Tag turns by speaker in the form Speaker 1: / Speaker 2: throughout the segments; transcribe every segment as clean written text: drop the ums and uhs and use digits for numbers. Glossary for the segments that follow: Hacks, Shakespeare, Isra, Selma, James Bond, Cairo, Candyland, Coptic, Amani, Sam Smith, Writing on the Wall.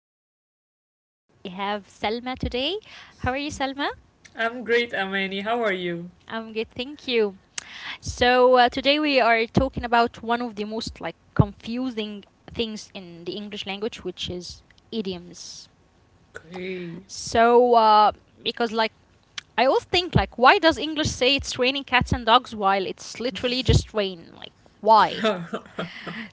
Speaker 1: is Amani, and we have Selma today. How are you, Selma?
Speaker 2: I'm great, Amani. How are you?
Speaker 1: I'm good, thank you. Today we are talking about one of the most confusing things in the English language, which is idioms.
Speaker 2: Okay.
Speaker 1: So, uh, because I always think like, why does English say it's raining cats and dogs while it's literally just rain? Like, why?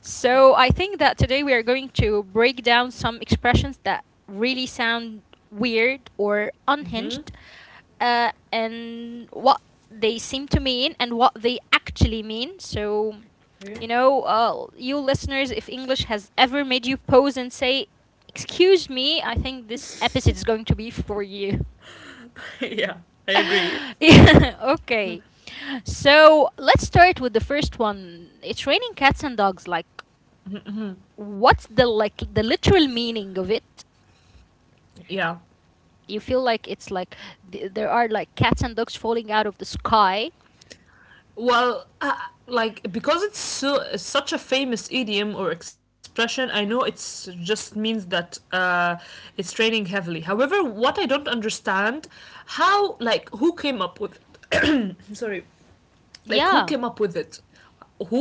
Speaker 1: So I think that today we are going to break down some expressions that really sound weird or
Speaker 2: Mm-hmm.
Speaker 1: unhinged, and what they seem to mean and what they actually mean. So, you know, uh, you listeners, if English has ever made you pause and say, "Excuse me," I think this episode is going to be for you.
Speaker 2: yeah, I agree.
Speaker 1: Yeah, okay. So let's start with the first one. It's raining cats and dogs. Like, what's the the literal meaning of it?
Speaker 2: Yeah.
Speaker 1: You feel like it's like there are like cats and dogs falling out of the sky.
Speaker 2: Well, like because it's such a famous idiom or expression, I know it's just means that it's raining heavily. However, what I don't understand, how like who came up with it? I'm sorry, like
Speaker 1: Yeah.
Speaker 2: who came up with it?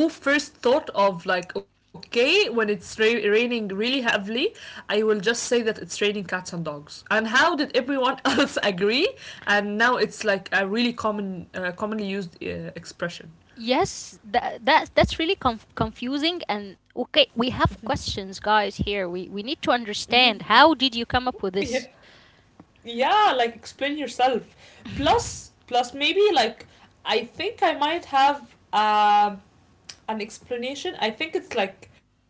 Speaker 2: Who first thought of like okay when it's raining really heavily, I will just say that it's raining cats and dogs? And how did everyone else agree, and now it's like a really common commonly used expression?
Speaker 1: Yes, that's really confusing, and okay, we have questions, guys. Here, we need to understand, how did you come up with
Speaker 2: Yeah,
Speaker 1: this?
Speaker 2: yeah, like explain yourself. Plus maybe like I think I might have um an explanation. I think it's like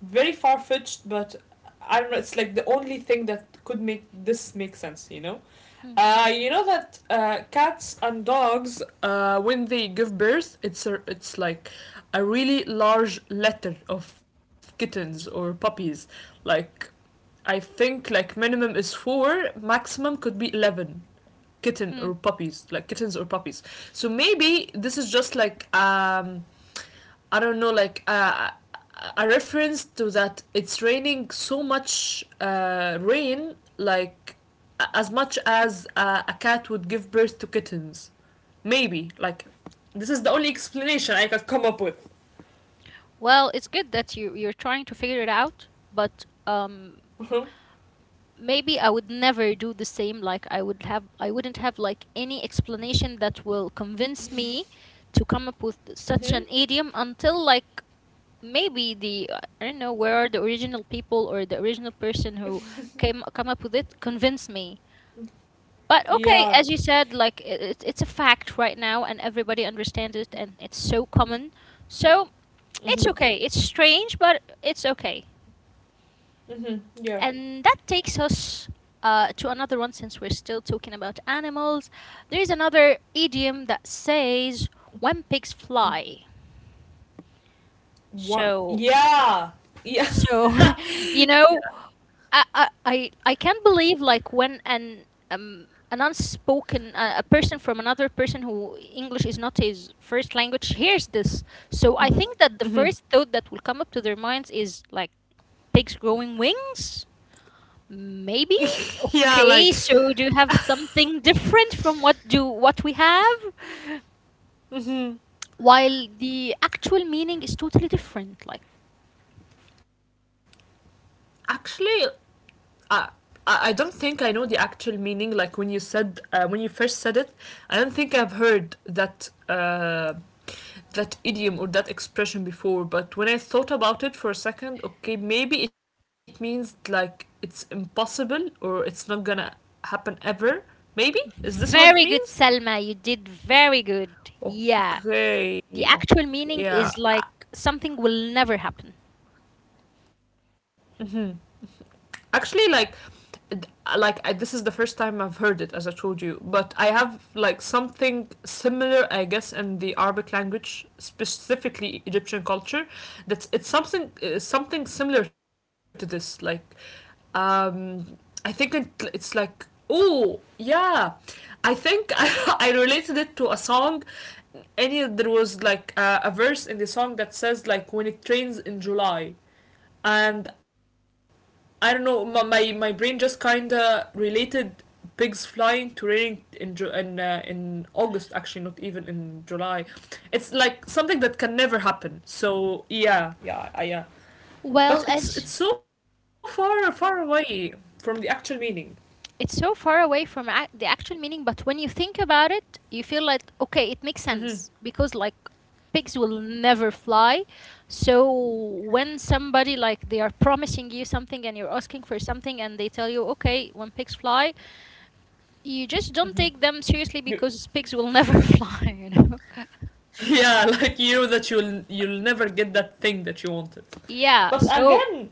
Speaker 2: very far fetched, but I don't know. It's like the only thing that could make this make sense. You know?
Speaker 1: Hmm.
Speaker 2: You know that cats and dogs, when they give birth, it's like a really large litter of kittens or puppies. Like, I think like minimum is four, maximum could be 11 kitten or
Speaker 1: Hmm.
Speaker 2: puppies, like kittens or puppies. So maybe this is just like I don't know, like a reference to that it's raining so much rain, like as much as a cat would give birth to kittens. Maybe, like, this is the only explanation I could come up with.
Speaker 1: Well, it's good that you're trying to figure it out, but
Speaker 2: Mm-hmm.
Speaker 1: maybe I would never do the same. Like I wouldn't have like any explanation that will convince me to come up with such
Speaker 2: Mm-hmm.
Speaker 1: an idiom, until like maybe the I don't know, where are the original people or the original person who came come up with it convince me. But okay,
Speaker 2: Yeah.
Speaker 1: as you said, like it's a fact right now, and everybody understands it, and it's so common. So it's okay. It's strange, but it's okay.
Speaker 2: Mm-hmm. Yeah.
Speaker 1: And that takes us to another one, since we're still talking about animals. There is another idiom that says, when pigs fly.
Speaker 2: What?
Speaker 1: So,
Speaker 2: Yeah. Yeah.
Speaker 1: so you know, I can't believe like when an unspoken a person from another person who English is not his first language hears this. So I think that the first thought that will come up to their minds is like pigs growing wings. Maybe?
Speaker 2: Yeah, like,
Speaker 1: Okay, so do you have something different from what do what we have? While the actual meaning is totally different. Like,
Speaker 2: actually, I I don't think I know the actual meaning. Like when you said when you first said it, I don't think I've heard that that idiom or that expression before. But when I thought about it for a second, okay, maybe it means like it's impossible or it's not gonna happen ever. Maybe is this what it
Speaker 1: very good,
Speaker 2: means?
Speaker 1: Selma. You did very good. Yeah. The
Speaker 2: Okay.
Speaker 1: actual meaning
Speaker 2: Okay.
Speaker 1: is like
Speaker 2: Yeah,
Speaker 1: something will never happen.
Speaker 2: actually like this is the first time I've heard it, as I told you. But I have like something similar, I guess, in the Arabic language, specifically Egyptian culture. That's it's something something similar to this. Like, um, I think it's like oh yeah, I think I related it to a song. Any there was like a verse in the song that says like when it rains in July, and I don't know. My brain just kinda related pigs flying to raining in in August. Actually, not even in July. It's like something that can never happen. So yeah, yeah.
Speaker 1: Well, as
Speaker 2: But it's so far away from the actual meaning.
Speaker 1: it's so far away from the actual meaning, but when you think about it, you feel like, okay, it makes sense, because like pigs will never fly. So when somebody, like, they are promising you something and you're asking for something, and they tell you, okay, when pigs fly, you just don't take them seriously,
Speaker 2: You-
Speaker 1: because pigs will never fly, you know.
Speaker 2: Yeah, like you know that you'll never get that thing that you wanted.
Speaker 1: Yeah,
Speaker 2: But
Speaker 1: so
Speaker 2: again,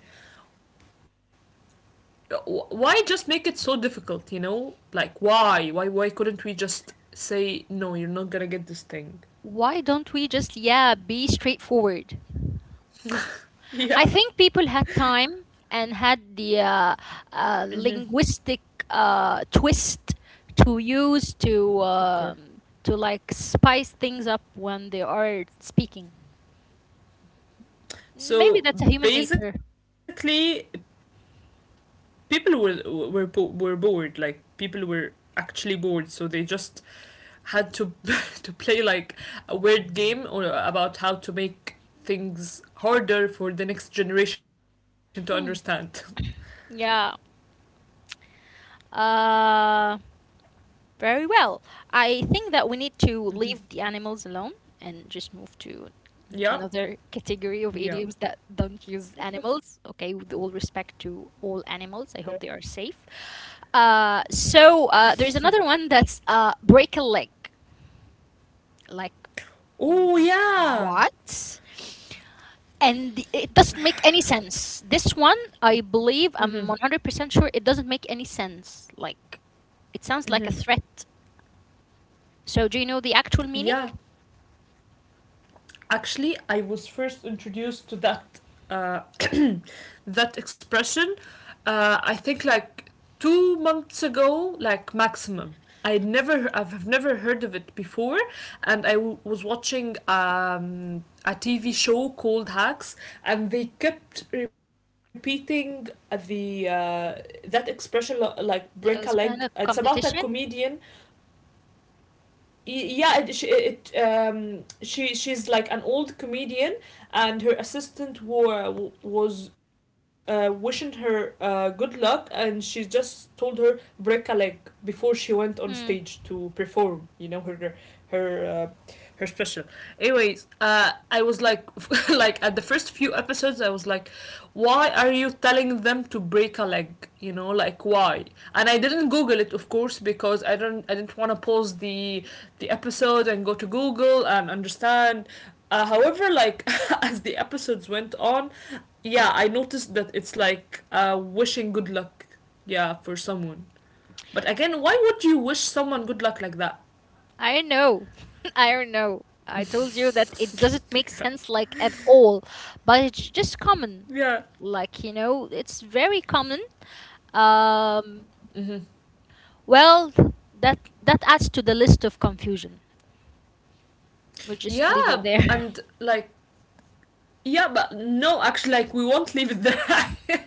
Speaker 2: why just make it so difficult? You know, like why couldn't we just say no? You're not gonna get this thing.
Speaker 1: why don't we just, yeah, be straightforward. I
Speaker 2: Yeah.
Speaker 1: think people had time and had the linguistic twist to use,
Speaker 2: Okay.
Speaker 1: to like spice things up when they are speaking. Maybe
Speaker 2: So
Speaker 1: that's a human nature.
Speaker 2: basically, people were were bored. Like people were actually bored, so they just had to to play like a word game or about how to make things harder for the next generation to understand.
Speaker 1: Yeah. Uh, Very well. I think that we need to
Speaker 2: Mm-hmm.
Speaker 1: leave the animals alone and just move to
Speaker 2: Yeah.
Speaker 1: another category of
Speaker 2: Yeah.
Speaker 1: idioms that don't use animals. Okay, with all respect to all
Speaker 2: Okay.
Speaker 1: animals, I hope they are safe. There's another one that's break a leg. Like, mm,
Speaker 2: Oh yeah.
Speaker 1: what? And it doesn't make any sense. This one, I believe,
Speaker 2: Mm-hmm.
Speaker 1: I'm 100% sure it doesn't make any sense. Like, it sounds like a
Speaker 2: Mm-hmm.
Speaker 1: threat. So, do you know the actual meaning?
Speaker 2: Yeah. Actually, I was first introduced to that uh, that expression. I think like 2 months ago, like maximum. I've never heard of it before, and I was watching a TV show called Hacks, and they kept repeating the that expression like break a leg.
Speaker 1: It was
Speaker 2: It's
Speaker 1: kind of
Speaker 2: about a
Speaker 1: competition.
Speaker 2: comedian. Yeah, it she she's like an old comedian, and her assistant was wishing her good luck, and she just told her break a leg before she went on stage
Speaker 1: Hmm.
Speaker 2: to perform. You know her her uh, her special. Anyways, I was like, like at the first few episodes, I was like, why are you telling them to break a leg? You know, like why? And I didn't Google it, of course, because I didn't want to pause the episode and go to Google and understand. However, like as the episodes went on, yeah, I noticed that it's like wishing good luck, yeah, for someone. But again, why would you wish someone good luck like that?
Speaker 1: I don't know. I don't know. I told you that it doesn't make sense like at all, but it's just common.
Speaker 2: Yeah.
Speaker 1: Like, you know, it's very common. Um, well, that that adds to the list of confusion. We'll just leave it
Speaker 2: Yeah,
Speaker 1: there.
Speaker 2: and like yeah but no actually like we won't leave it there.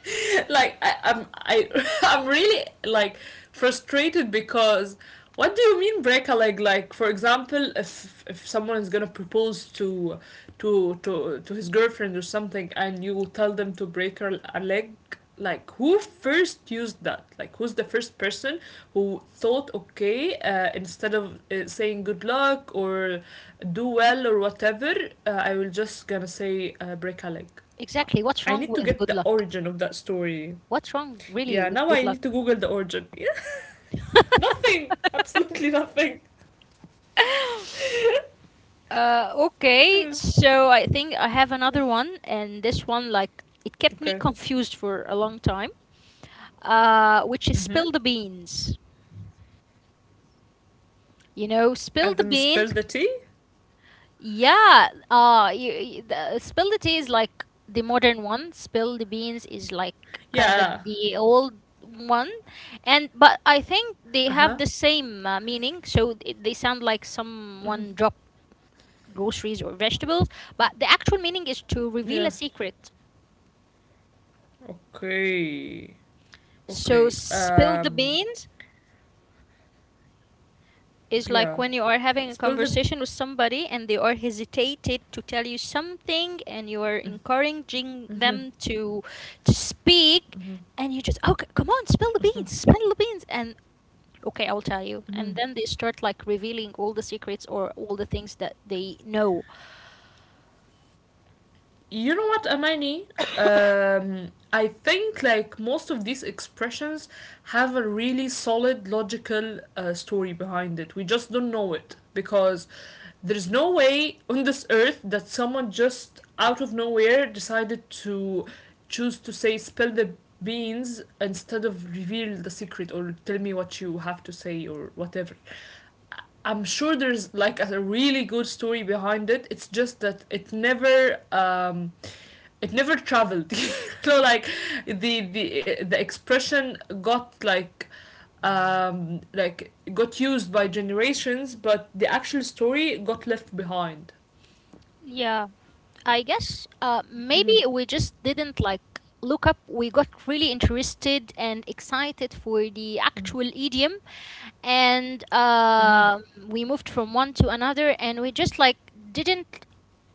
Speaker 2: Like I, I'm I I'm really like frustrated because what do you mean break a leg? Like for example if someone is gonna propose to to his girlfriend or something and you tell them to break her a leg, like who first used that? Like who's the first person who thought okay instead of saying good luck or do well or whatever, I will just gonna say break a leg.
Speaker 1: Exactly. What's
Speaker 2: I
Speaker 1: wrong
Speaker 2: need to
Speaker 1: with
Speaker 2: get
Speaker 1: good
Speaker 2: the
Speaker 1: luck?
Speaker 2: origin of that story.
Speaker 1: What's wrong really
Speaker 2: Yeah,
Speaker 1: with
Speaker 2: now
Speaker 1: good
Speaker 2: I need to
Speaker 1: luck?
Speaker 2: Google the origin. Yeah, nothing, absolutely nothing.
Speaker 1: Okay,
Speaker 2: Yeah.
Speaker 1: so I think I have another one, and this one, like, it kept me
Speaker 2: Okay.
Speaker 1: confused for a long time, which is
Speaker 2: Mm-hmm.
Speaker 1: spill the beans. You know,
Speaker 2: I
Speaker 1: spill the
Speaker 2: didn't spill
Speaker 1: beans.
Speaker 2: the tea.
Speaker 1: Yeah, spill the tea is like the modern one. Spill the beans is like kind of
Speaker 2: Yeah.
Speaker 1: the old one, and but I think they
Speaker 2: Uh
Speaker 1: have
Speaker 2: huh.
Speaker 1: the same meaning. So they sound like someone dropped groceries or vegetables, but the actual meaning is to reveal
Speaker 2: Yeah.
Speaker 1: a secret.
Speaker 2: Okay.
Speaker 1: So,
Speaker 2: Okay.
Speaker 1: spill the beans is like
Speaker 2: Yeah.
Speaker 1: when you are having a
Speaker 2: Spill the.
Speaker 1: conversation with somebody and they are hesitated to tell you something and you are
Speaker 2: Mm-hmm.
Speaker 1: encouraging
Speaker 2: Mm-hmm.
Speaker 1: them to speak, and you just, okay, come on, spill the
Speaker 2: Mm-hmm.
Speaker 1: beans, spill the beans, and okay, I'll tell you, and then they start like revealing all the secrets or all the things that they know.
Speaker 2: You know what, Amani? I think like most of these expressions have a really solid logical story behind it. We just don't know it because there's no way on this earth that someone just out of nowhere decided to choose to say spill the beans instead of reveal the secret or tell me what you have to say or whatever. I- am sure there's like a really good story behind it. It's just that it never traveled, so like the expression got like got used by generations, but the actual story got left behind.
Speaker 1: Yeah. I guess maybe we just didn't look up. We got really interested and excited for the actual idiom, and
Speaker 2: Mm-hmm.
Speaker 1: we moved from one to another, and we just like didn't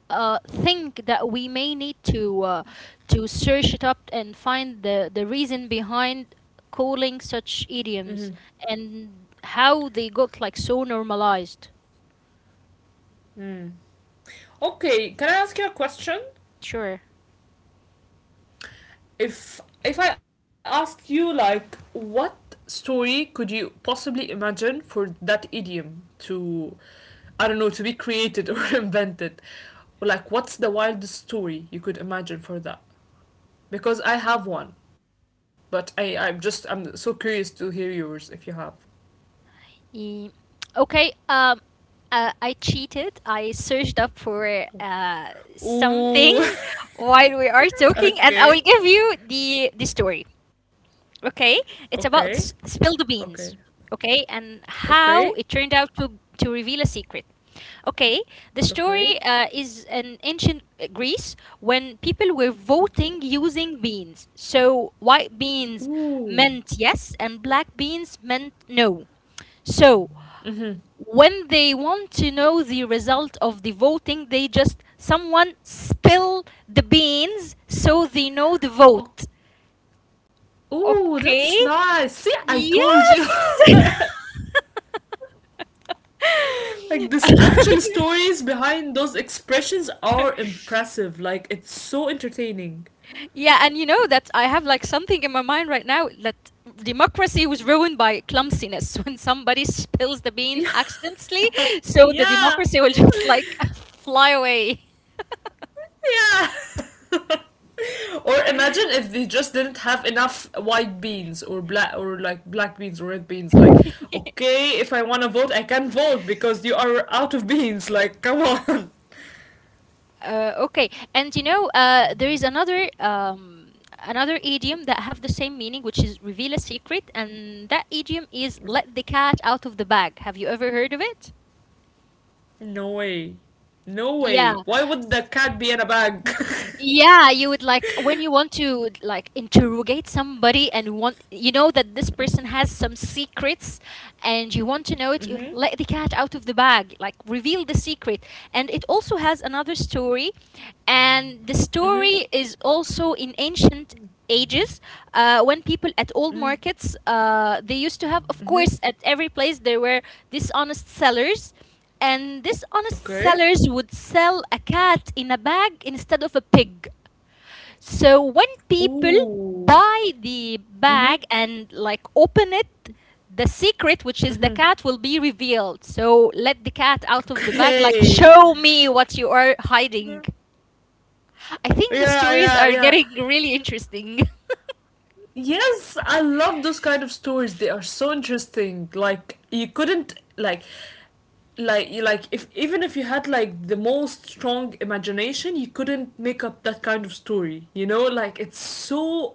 Speaker 1: think that we may need to search it up and find the reason behind calling such idioms
Speaker 2: Mm-hmm.
Speaker 1: and how they got like so normalized.
Speaker 2: Mm. Okay, can I ask you a question?
Speaker 1: Sure.
Speaker 2: If I asked you like what story could you possibly imagine for that idiom to I don't know to be created or invented, like what's the wildest story you could imagine for that? Because I have one, but I'm just I'm so curious to hear yours if you have.
Speaker 1: Ye- okay um I cheated. I searched up for
Speaker 2: Ooh.
Speaker 1: something while we are talking, and I will
Speaker 2: Okay.
Speaker 1: give you the story. Okay, it's about
Speaker 2: Okay.
Speaker 1: spill the
Speaker 2: Okay.
Speaker 1: beans. Okay, and how
Speaker 2: Okay.
Speaker 1: it turned out to reveal a secret. Okay, the story
Speaker 2: Okay.
Speaker 1: is in ancient Greece, when people were voting using beans. So white beans
Speaker 2: Ooh.
Speaker 1: meant yes, and black beans meant no. So when they want to know the result of the voting, they just someone spill the beans so they know the
Speaker 2: Oh,
Speaker 1: vote.
Speaker 2: ooh,
Speaker 1: Okay.
Speaker 2: that's nice. See, I told you.
Speaker 1: Yes.
Speaker 2: Like this actual stories behind those expressions are impressive. Like it's so entertaining.
Speaker 1: Yeah, and you know that I have like something in my mind right now, that democracy was ruined by clumsiness when somebody spills the bean
Speaker 2: Yeah.
Speaker 1: accidentally, so the
Speaker 2: Yeah.
Speaker 1: democracy will just like fly away.
Speaker 2: Yeah. Or imagine if they just didn't have enough white beans or black or like black beans or red beans. Like, okay, if I wanna vote, I can't vote because you are out of beans. Like, come on.
Speaker 1: Okay, and you know there is another idiom that have the same meaning, which is reveal a secret, and that idiom is let the cat out of the bag. Have you ever heard of it?
Speaker 2: No way. No
Speaker 1: Yeah.
Speaker 2: way. Why would the
Speaker 1: S-
Speaker 2: cat be in a bag?
Speaker 1: Yeah, you would, like when you want to like interrogate somebody and want, you know that this person has some secrets and you want to know it, you
Speaker 2: Mhm.
Speaker 1: let the cat out of the bag, like reveal the secret. And it also has another story, and the
Speaker 2: Mhm.
Speaker 1: story is also in ancient ages, when people at old
Speaker 2: Mm.
Speaker 1: markets they used to have, of course, at every place there were dishonest sellers, and these honest
Speaker 2: Okay.
Speaker 1: sellers would sell a cat in a bag instead of a pig. So when people
Speaker 2: Ooh.
Speaker 1: buy the
Speaker 2: Mhm.
Speaker 1: bag and like open it, the secret, which is the
Speaker 2: Mhm.
Speaker 1: cat, will be revealed. So let the cat out of the bag, like
Speaker 2: Okay.
Speaker 1: show me what you are
Speaker 2: Yeah,
Speaker 1: hiding. I think the stories are
Speaker 2: yeah.
Speaker 1: getting really interesting.
Speaker 2: Yes, I love those kind of stories. They are so interesting. Like you couldn't like you like if even if you had like the most strong imagination, you couldn't make up that kind of story. You know, like it's so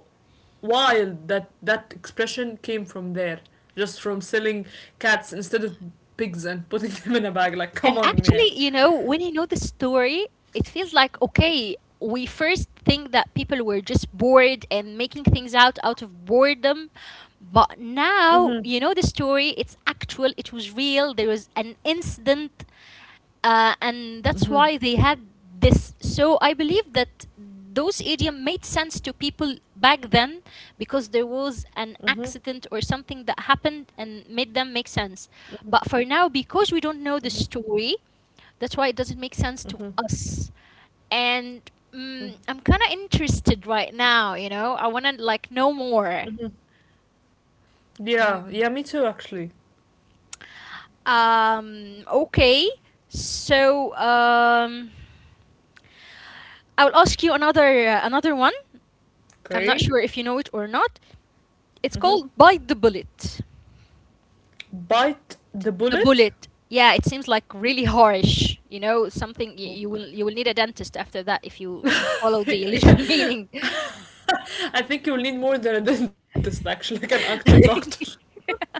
Speaker 2: wild that that expression came from there. Just from selling cats instead of pigs and putting them in a bag. Like come
Speaker 1: And
Speaker 2: on, man.
Speaker 1: actually, you know, when you know the story, it feels like okay, we first think that people were just bored and making things out of boredom, but now you know the story, it's actual, it was real, there was an incident, and that's why they had this. So I believe that those idiom made sense to people back then, because there was an accident or something that happened and made them make sense. But for now, because we don't know the story, that's why it doesn't make sense to us. And mm, I'm kind of interested right now. You know, I want to like know more.
Speaker 2: Yeah,
Speaker 1: Mm.
Speaker 2: yeah, me too actually.
Speaker 1: Okay. So. I'll ask you another one. I'm not sure if
Speaker 2: Okay.
Speaker 1: you know it or not. It's
Speaker 2: Hmm.
Speaker 1: called bite the bullet.
Speaker 2: Bite the
Speaker 1: The
Speaker 2: bullet.
Speaker 1: bullet. Yeah, it seems like really harsh. You know, something you will, you will need a dentist after that if you follow the
Speaker 2: Okay.
Speaker 1: literal
Speaker 2: Yeah.
Speaker 1: meaning.
Speaker 2: I think you'll need more than a dentist, actually, like an actual doctor.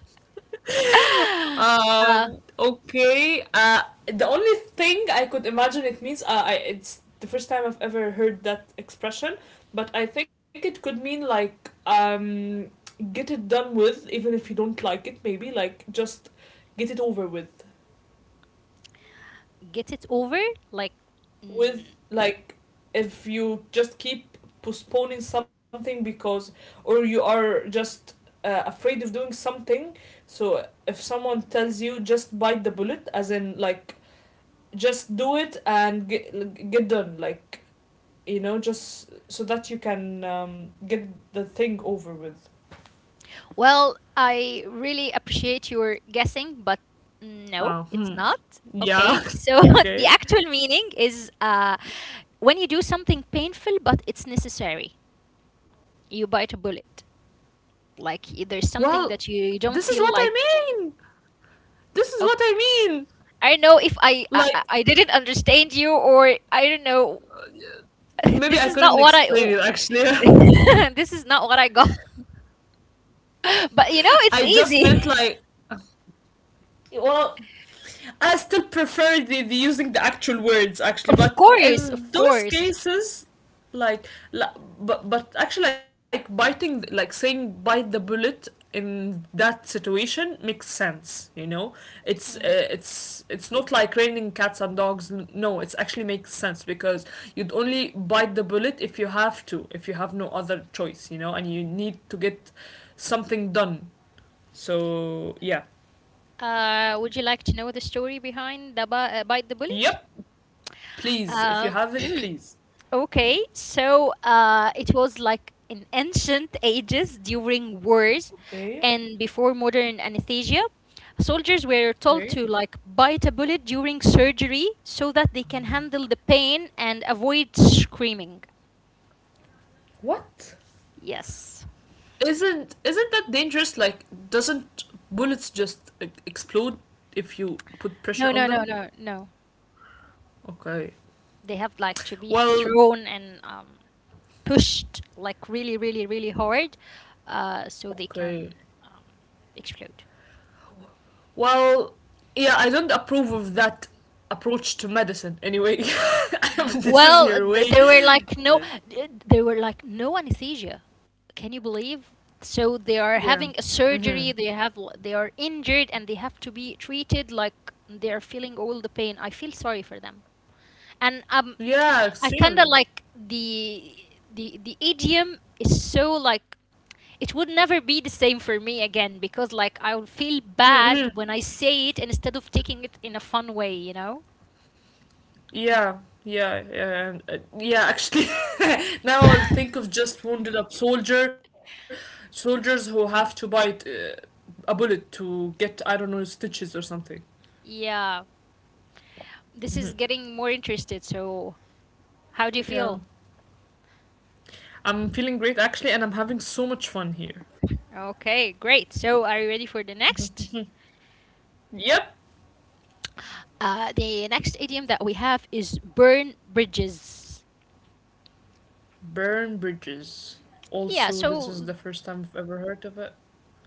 Speaker 1: uh,
Speaker 2: Okay. The only thing I could imagine it means, it's the first time I've ever heard that expression, but I think it could mean like, get it done with, even if you don't like it, maybe, like, just get it over with.
Speaker 1: get it over, like. Mm.
Speaker 2: With like if you just keep postponing something because or you are just afraid of doing something, so if someone tells you just bite the bullet as in like just do it and get done like you know just so that you can get the thing over with.
Speaker 1: Well, I really appreciate your guessing, but no,
Speaker 2: Oh,
Speaker 1: it's
Speaker 2: hmm.
Speaker 1: not.
Speaker 2: Yeah.
Speaker 1: Okay, so the
Speaker 2: Okay.
Speaker 1: actual meaning is when you do something painful but it's necessary, you bite a bullet. Like there's
Speaker 2: Well,
Speaker 1: something that you
Speaker 2: this is
Speaker 1: don't
Speaker 2: what
Speaker 1: feel like.
Speaker 2: I mean. This is what
Speaker 1: Okay,
Speaker 2: I mean.
Speaker 1: I don't know if I, I I
Speaker 2: Like,
Speaker 1: I didn't understand you, or I don't know.
Speaker 2: maybe
Speaker 1: This
Speaker 2: I
Speaker 1: is not
Speaker 2: couldn't
Speaker 1: what
Speaker 2: explain it actually.
Speaker 1: I. This is not what I got. But you
Speaker 2: I
Speaker 1: know, it's
Speaker 2: just meant
Speaker 1: easy.
Speaker 2: like, well, I still prefer the using the actual words actually,
Speaker 1: Of
Speaker 2: but
Speaker 1: course, of
Speaker 2: in those
Speaker 1: course.
Speaker 2: cases, like, la but actually like biting like saying bite the bullet in that situation makes sense. You know, it's
Speaker 1: Hmm.
Speaker 2: it's not like raining cats and dogs. No, it's actually makes sense because you'd only bite the bullet if you have to, if you have no other choice. You know, and you need to get something done. So yeah,
Speaker 1: Would you like to know the story behind the Bite the Bullet?
Speaker 2: yep. Please, if you
Speaker 1: Uh,
Speaker 2: have it, please.
Speaker 1: okay, so it was like in ancient ages during wars,
Speaker 2: Okay,
Speaker 1: and before modern anesthesia, soldiers were told
Speaker 2: okay.
Speaker 1: to like bite a bullet during surgery so that they can handle the pain and avoid screaming.
Speaker 2: What?
Speaker 1: Yes.
Speaker 2: Isn't that dangerous? Like, doesn't bullets just explode if you put pressure
Speaker 1: No,
Speaker 2: on
Speaker 1: no, no,
Speaker 2: them?
Speaker 1: no, no.
Speaker 2: Okay.
Speaker 1: They have like to be
Speaker 2: Well,
Speaker 1: thrown and pushed like really, really, really hard, so they can
Speaker 2: okay.
Speaker 1: um, explode.
Speaker 2: Well, yeah, I don't approve of that approach to medicine. Anyway, but this is
Speaker 1: Well,
Speaker 2: your way.
Speaker 1: there were like no anesthesia. Can you believe? So
Speaker 2: Yeah.
Speaker 1: they are having a
Speaker 2: Mhm.
Speaker 1: surgery. They are injured and they have to be treated like they are feeling all the pain. I feel sorry for them. And
Speaker 2: Yeah,
Speaker 1: I kind of
Speaker 2: extremely.
Speaker 1: like the idiom is so like it would never be the same for me again, because like I would feel
Speaker 2: Mhm, mhm.
Speaker 1: bad when I say it instead of taking it in a fun way.
Speaker 2: Yeah, yeah, and, yeah. Actually, now I'll think of just soldiers who have to bite a bullet to get I don't know stitches or something.
Speaker 1: Yeah, this
Speaker 2: Mhm.
Speaker 1: is getting more interested, so how do you
Speaker 2: Yeah,
Speaker 1: feel?
Speaker 2: I'm feeling great actually, and I'm having so much fun here.
Speaker 1: Okay, great. So are you ready for the next?
Speaker 2: Yep,
Speaker 1: The next idiom that we have is burn bridges.
Speaker 2: burn bridges.
Speaker 1: Yeah,
Speaker 2: Also, this is
Speaker 1: so,
Speaker 2: the first time I've ever heard of it.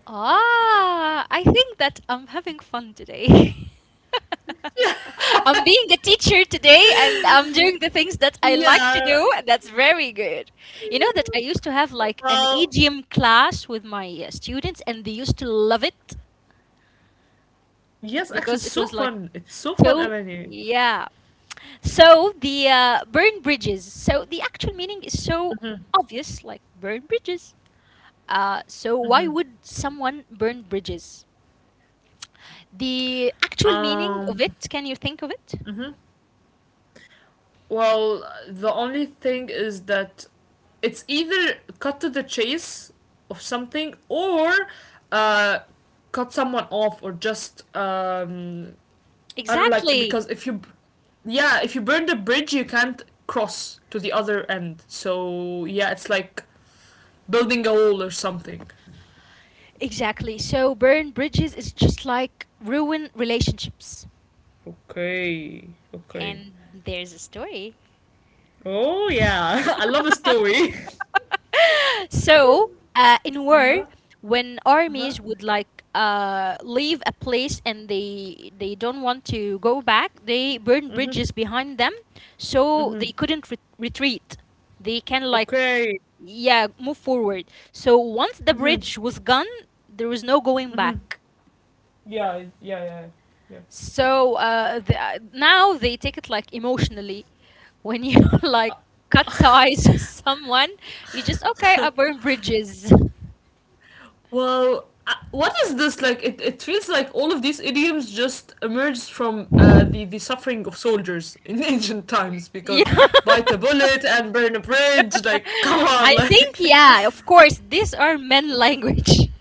Speaker 1: ah, I think that I'm having fun today. I'm being a teacher today and I'm doing the things that I like to do,
Speaker 2: Yeah.
Speaker 1: and that's very good. You know that I used to have like an
Speaker 2: Well,
Speaker 1: EGM class with my students, and they used to love it
Speaker 2: yes, actually, it's so
Speaker 1: because it was
Speaker 2: fun.
Speaker 1: like
Speaker 2: It's so fun,
Speaker 1: so,
Speaker 2: Amani.
Speaker 1: yeah. So the burn bridges. So the actual meaning is so
Speaker 2: Mm-hmm,
Speaker 1: obvious, like burn bridges. So
Speaker 2: mm-hmm.
Speaker 1: why would someone burn bridges? The actual meaning
Speaker 2: Um.
Speaker 1: of it, can you think of it?
Speaker 2: hmm Well, the only thing is that it's either cut to the chase of something or uh, cut someone off or just I don't like,
Speaker 1: Exactly.
Speaker 2: because if you yeah, if you burn the bridge, you can't cross to the other end. So yeah, it's like building a wall or something.
Speaker 1: Exactly. So burn bridges is just like ruin relationships.
Speaker 2: Okay, okay.
Speaker 1: And there's a story.
Speaker 2: Oh yeah, I love a story.
Speaker 1: So, in war,
Speaker 2: Uh-huh.
Speaker 1: when
Speaker 2: Uh-huh.
Speaker 1: armies would like leave a place and they don't want to go back, they burn bridges behind them, so they couldn't retreat. They can, like,
Speaker 2: Okay.
Speaker 1: yeah, move forward. So once the
Speaker 2: Hmm.
Speaker 1: bridge was gone, there was no going back.
Speaker 2: Yeah, yeah, yeah. Yeah.
Speaker 1: So, now they take it like emotionally. When you like cut ties with someone, you just okay, I burn bridges.
Speaker 2: Well, what is this like? It feels like all of these idioms just emerged from the suffering of soldiers in ancient times, because
Speaker 1: Yeah.
Speaker 2: bite a bullet and burn a bridge. Like, come
Speaker 1: I
Speaker 2: on,
Speaker 1: think,
Speaker 2: like.
Speaker 1: yeah, of course, these are men language.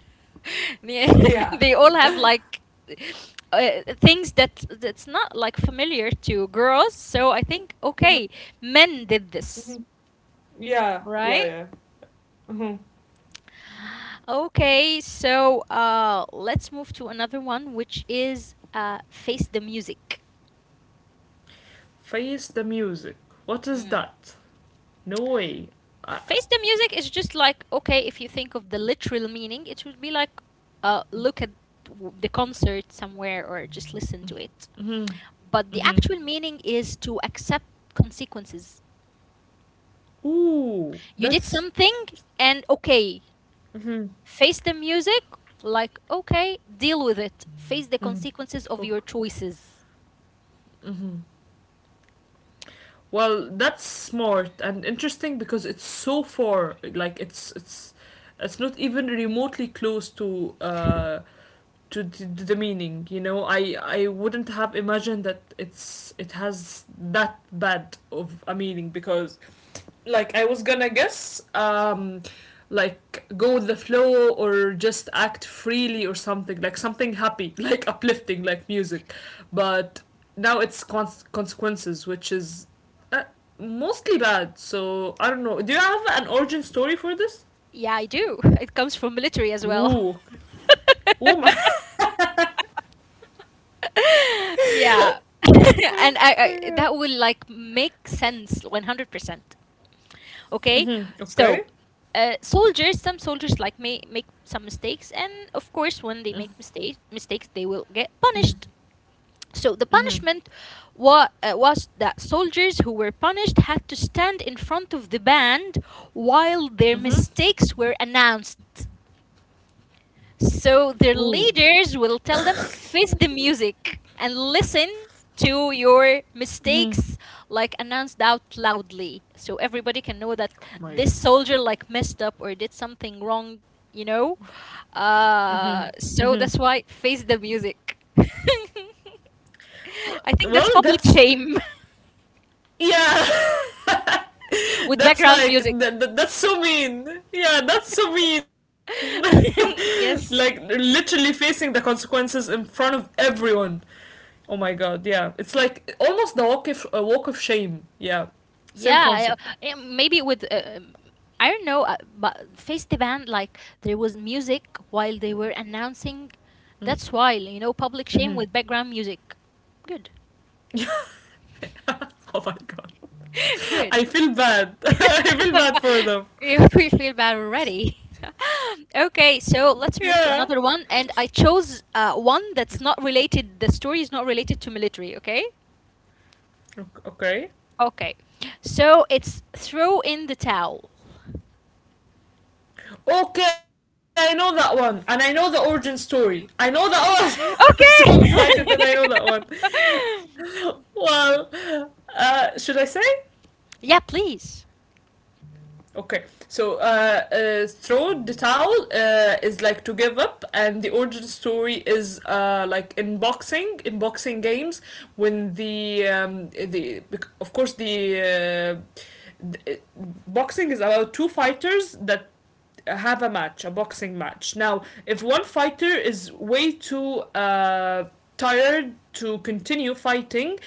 Speaker 1: Yeah,
Speaker 2: Yeah,
Speaker 1: they all have like things that's not like familiar to girls. So I think, okay, men did this,
Speaker 2: yeah, yeah,
Speaker 1: right?
Speaker 2: yeah. Mhm.
Speaker 1: Okay, so let's move to another one, which is face the music.
Speaker 2: Face the music. What is
Speaker 1: Mm.
Speaker 2: that? No way. Uh,
Speaker 1: Face the music is just like okay, if you think of the literal meaning, it would be like look at the concert somewhere or just listen to it. But the
Speaker 2: mm-hmm.
Speaker 1: actual meaning is to accept consequences.
Speaker 2: Ooh,
Speaker 1: You did
Speaker 2: that's.
Speaker 1: something, and okay,
Speaker 2: Mm-hmm.
Speaker 1: face the music, like okay, deal with it. Face the
Speaker 2: Mm-hmm.
Speaker 1: consequences of your choices.
Speaker 2: Well, that's smart and interesting, because it's so far. Like, it's not even remotely close to the meaning. I wouldn't have imagined that it has that bad of a meaning, because like I was gonna guess like go with the flow or just act freely or something, like something happy, like uplifting, like music, but now it's consequences, which is uh, mostly bad. So I don't know, do you have an origin story for this?
Speaker 1: Yeah, I do. It comes from military as well.
Speaker 2: Ooh. Oh my.
Speaker 1: Yeah.
Speaker 2: Oh
Speaker 1: And I,
Speaker 2: my
Speaker 1: I
Speaker 2: god.
Speaker 1: that will like make sense 100%. Okay?
Speaker 2: Mm-hmm.
Speaker 1: So,
Speaker 2: Okay.
Speaker 1: soldiers, some soldiers like may make some mistakes, and of course, when they make
Speaker 2: Mm-hmm.
Speaker 1: mistakes, they will get
Speaker 2: Mm-hmm.
Speaker 1: punished. So the
Speaker 2: Mm-hmm.
Speaker 1: punishment was that soldiers who were punished had to stand in front of the band while their
Speaker 2: Mm-hmm.
Speaker 1: mistakes were announced. So
Speaker 2: Ooh.
Speaker 1: their leaders will tell them, face the music and listen to your
Speaker 2: Mm-hmm.
Speaker 1: mistakes, like announced out loudly. So everybody can know that
Speaker 2: Oh my.
Speaker 1: this soldier, like, messed up or did something wrong, you know?
Speaker 2: Mm-hmm.
Speaker 1: Uh,
Speaker 2: Mm-hmm.
Speaker 1: so that's why face the music. I think that's
Speaker 2: Well,
Speaker 1: public
Speaker 2: that's.
Speaker 1: shame
Speaker 2: Yeah,
Speaker 1: with
Speaker 2: that's
Speaker 1: background
Speaker 2: like
Speaker 1: music.
Speaker 2: that's so mean. Yeah, that's so mean. Like
Speaker 1: Yes.
Speaker 2: literally facing the consequences in front of everyone. Oh my god, yeah. It's like almost the walk of walk of shame. Yeah. Same
Speaker 1: Yeah,
Speaker 2: concept.
Speaker 1: maybe with I don't know, but face the band like there was music while they were announcing. That's why, public shame with background music. Good,
Speaker 2: Oh my god.
Speaker 1: good.
Speaker 2: I feel bad. I feel bad for them.
Speaker 1: We feel bad already. Okay, so
Speaker 2: Yeah.
Speaker 1: let's move to another one, and I chose one that's not related. The story is not related to military. Okay.
Speaker 2: Okay.
Speaker 1: Okay, so it's throw in the towel.
Speaker 2: Okay, I know that one, and I know the origin story. I know that one. I'm so excited that I know that
Speaker 1: Okay.
Speaker 2: one. Well, should I say?
Speaker 1: Yeah, please.
Speaker 2: Okay, so throw the towel is like to give up, and the origin story is like in boxing, games. When the of course, uh, th- boxing is about two fighters that have a match, a boxing match. Now, if one fighter is way too tired to continue fighting,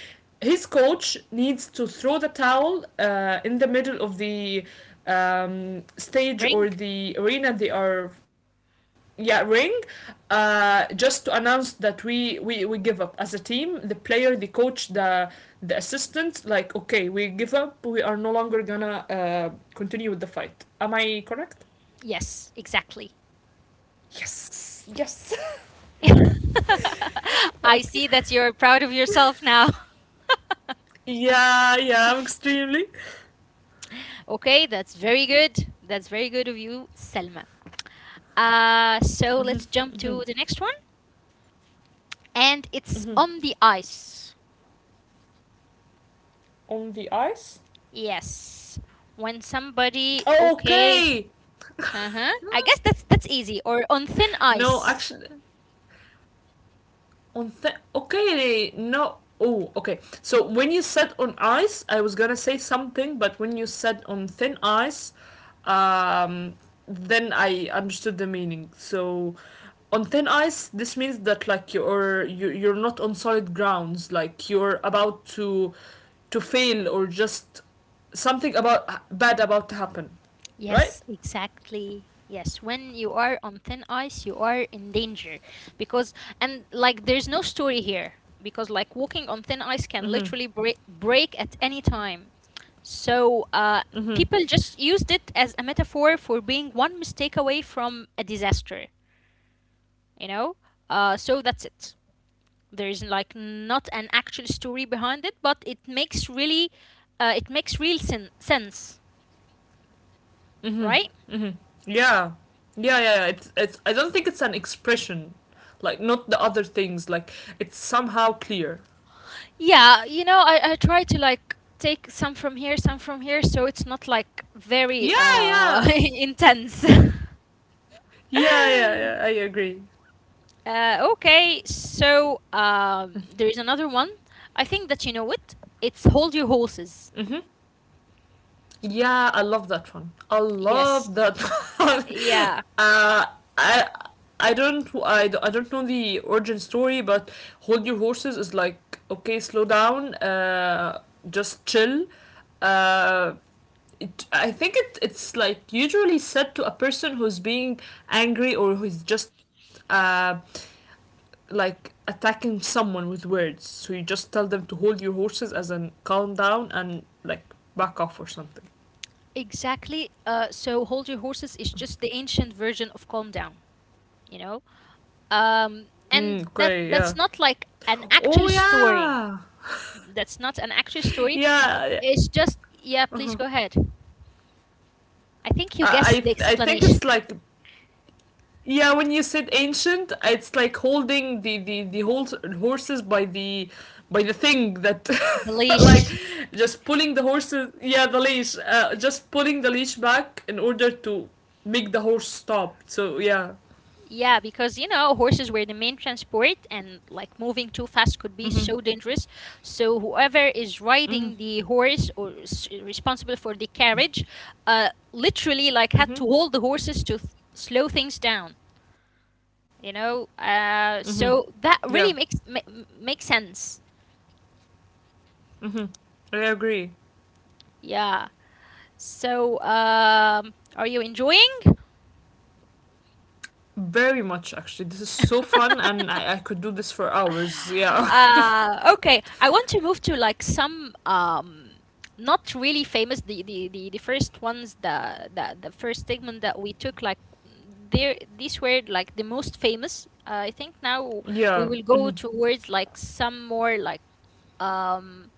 Speaker 2: his coach needs to throw the towel in the middle of the stage
Speaker 1: Ring.
Speaker 2: or the arena they are, yeah, ring, just to announce that we give up as a team, the player, the coach, the assistant, like okay, we give up, we are no longer gonna continue with the fight, am I correct?
Speaker 1: Yes, exactly.
Speaker 2: Yes! Yes!
Speaker 1: I
Speaker 2: Okay.
Speaker 1: see that you're proud of yourself now.
Speaker 2: Yeah, yeah, I'm extremely.
Speaker 1: Okay, that's very good. That's very good of you, Selma. So let's jump to the next one. And it's on the ice.
Speaker 2: On the ice?
Speaker 1: Yes. When somebody, okay.
Speaker 2: Okay!
Speaker 1: Uh-huh. I guess that's easy. Or on
Speaker 2: No,
Speaker 1: thin
Speaker 2: actually,
Speaker 1: ice.
Speaker 2: okay, no, oh, okay, so when you said on ice, I was gonna say something, but when you said on thin ice, um then I understood the meaning. So on thin ice, this means that like you're not on solid grounds, like you're about to fail, or just something about bad about to happen, right?
Speaker 1: Yes, exactly. Yes, when you are on thin ice, you are in danger, because and like there's no story here, because like walking on thin ice can literally break at any time. So people just used it as a metaphor for being one mistake away from a disaster. You know, so that's it. There is like not an actual story behind it, but it makes real sense, right?
Speaker 2: Yeah. Yeah, yeah, yeah. I don't think it's an expression, like, not the other things. Like, it's somehow clear.
Speaker 1: Yeah, you know, I try to like take some from here, so it's not like very
Speaker 2: Yeah, yeah.
Speaker 1: intense.
Speaker 2: Yeah, yeah, yeah. I agree.
Speaker 1: Okay, so there is another one. I think that you know it. It's hold your horses.
Speaker 2: Mm-hmm. Yeah, I love that one. I
Speaker 1: Yes.
Speaker 2: love that one.
Speaker 1: Yeah.
Speaker 2: uh, I. I don't know the origin story, but hold your horses is like okay, slow down, just chill. Uh, it, I think it, it's like usually said to a person who's being angry, or who's just like attacking someone with words. So you just tell them to hold your horses, as in calm down and like back off or something.
Speaker 1: Exactly. So hold your horses is just the ancient version of calm down. You know,
Speaker 2: Mm,
Speaker 1: and
Speaker 2: okay,
Speaker 1: that
Speaker 2: yeah.
Speaker 1: that's not like an
Speaker 2: Oh
Speaker 1: actual story.
Speaker 2: yeah,
Speaker 1: That's not an actual story.
Speaker 2: yeah.
Speaker 1: It's just, yeah, please go ahead. I think you guessed
Speaker 2: I
Speaker 1: the
Speaker 2: I I think
Speaker 1: explanation.
Speaker 2: it's like, yeah, when you said ancient, it's like holding the horses by the thing that
Speaker 1: The
Speaker 2: like
Speaker 1: leash.
Speaker 2: just pulling the horses, yeah, the leash, just pulling the leash back in order to make the horse stop, so yeah.
Speaker 1: Yeah, because you know, horses were the main transport, and like moving too fast could be
Speaker 2: Mhm.
Speaker 1: so dangerous. So, whoever is
Speaker 2: Mhm.
Speaker 1: riding the horse or is responsible for the carriage, literally like had to
Speaker 2: Mhm.
Speaker 1: hold the horses to slow things down, you know?
Speaker 2: Mhm.
Speaker 1: Uh,
Speaker 2: Yeah.
Speaker 1: so that really makes sense.
Speaker 2: Mhm. I agree.
Speaker 1: Yeah. So, are you enjoying?
Speaker 2: Very much, actually, this is so fun, and I could do this for hours, yeah.
Speaker 1: Okay, I want to move to like some not really famous, the first ones, the first segment that we took, like, there these were like the most famous. I think now we
Speaker 2: Yeah.
Speaker 1: will go
Speaker 2: Mhm.
Speaker 1: towards like some more like um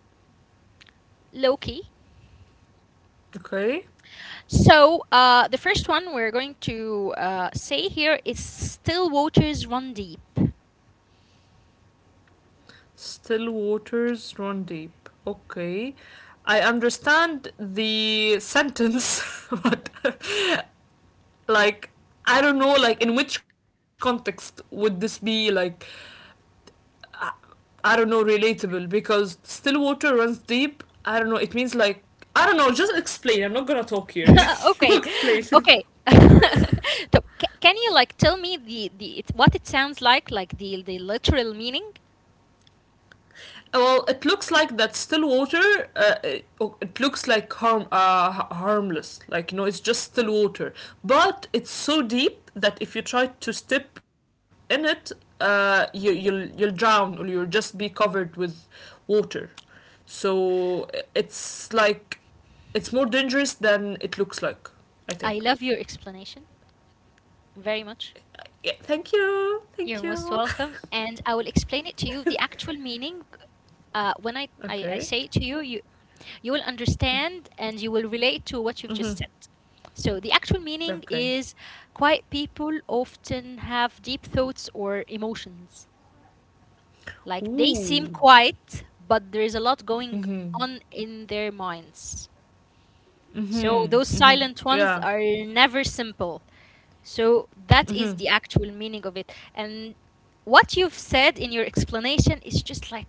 Speaker 1: low key.
Speaker 2: Okay.
Speaker 1: So the first one we're going to say here is still waters run deep.
Speaker 2: Still waters run deep. Okay. I understand the sentence, but like I don't know, like, in which context would this be, like, I don't know, relatable? Because still water runs deep. I don't know. It means like, I don't know, just explain. I'm not gonna talk here. Just you
Speaker 1: Okay,
Speaker 2: explain.
Speaker 1: okay. So can you like tell me what it sounds like the literal meaning?
Speaker 2: Well, it looks like that still water. Oh, it looks like harm, harmless. Like, it's just still water, but it's so deep that if you try to step in it, you'll drown, or you'll just be covered with water. So it's like it's more dangerous than it looks like. I
Speaker 1: I
Speaker 2: think.
Speaker 1: love your explanation very much.
Speaker 2: Yeah. Thank you. Thank
Speaker 1: You're most
Speaker 2: you.
Speaker 1: welcome. And I will explain it to you the actual meaning, when I
Speaker 2: Okay.
Speaker 1: say it to you, you will understand and you will relate to what you've
Speaker 2: Mhm.
Speaker 1: just said. So the actual meaning
Speaker 2: Okay.
Speaker 1: is quiet people often have deep thoughts or emotions. Like they seem
Speaker 2: Ooh.
Speaker 1: quiet, but there's a lot going
Speaker 2: Mhm.
Speaker 1: on in their minds. So
Speaker 2: Mhm.
Speaker 1: those
Speaker 2: Mhm.
Speaker 1: silent ones
Speaker 2: Yeah.
Speaker 1: are never simple. So that is
Speaker 2: Mhm.
Speaker 1: the actual meaning of it. And what you've said in your explanation is just like,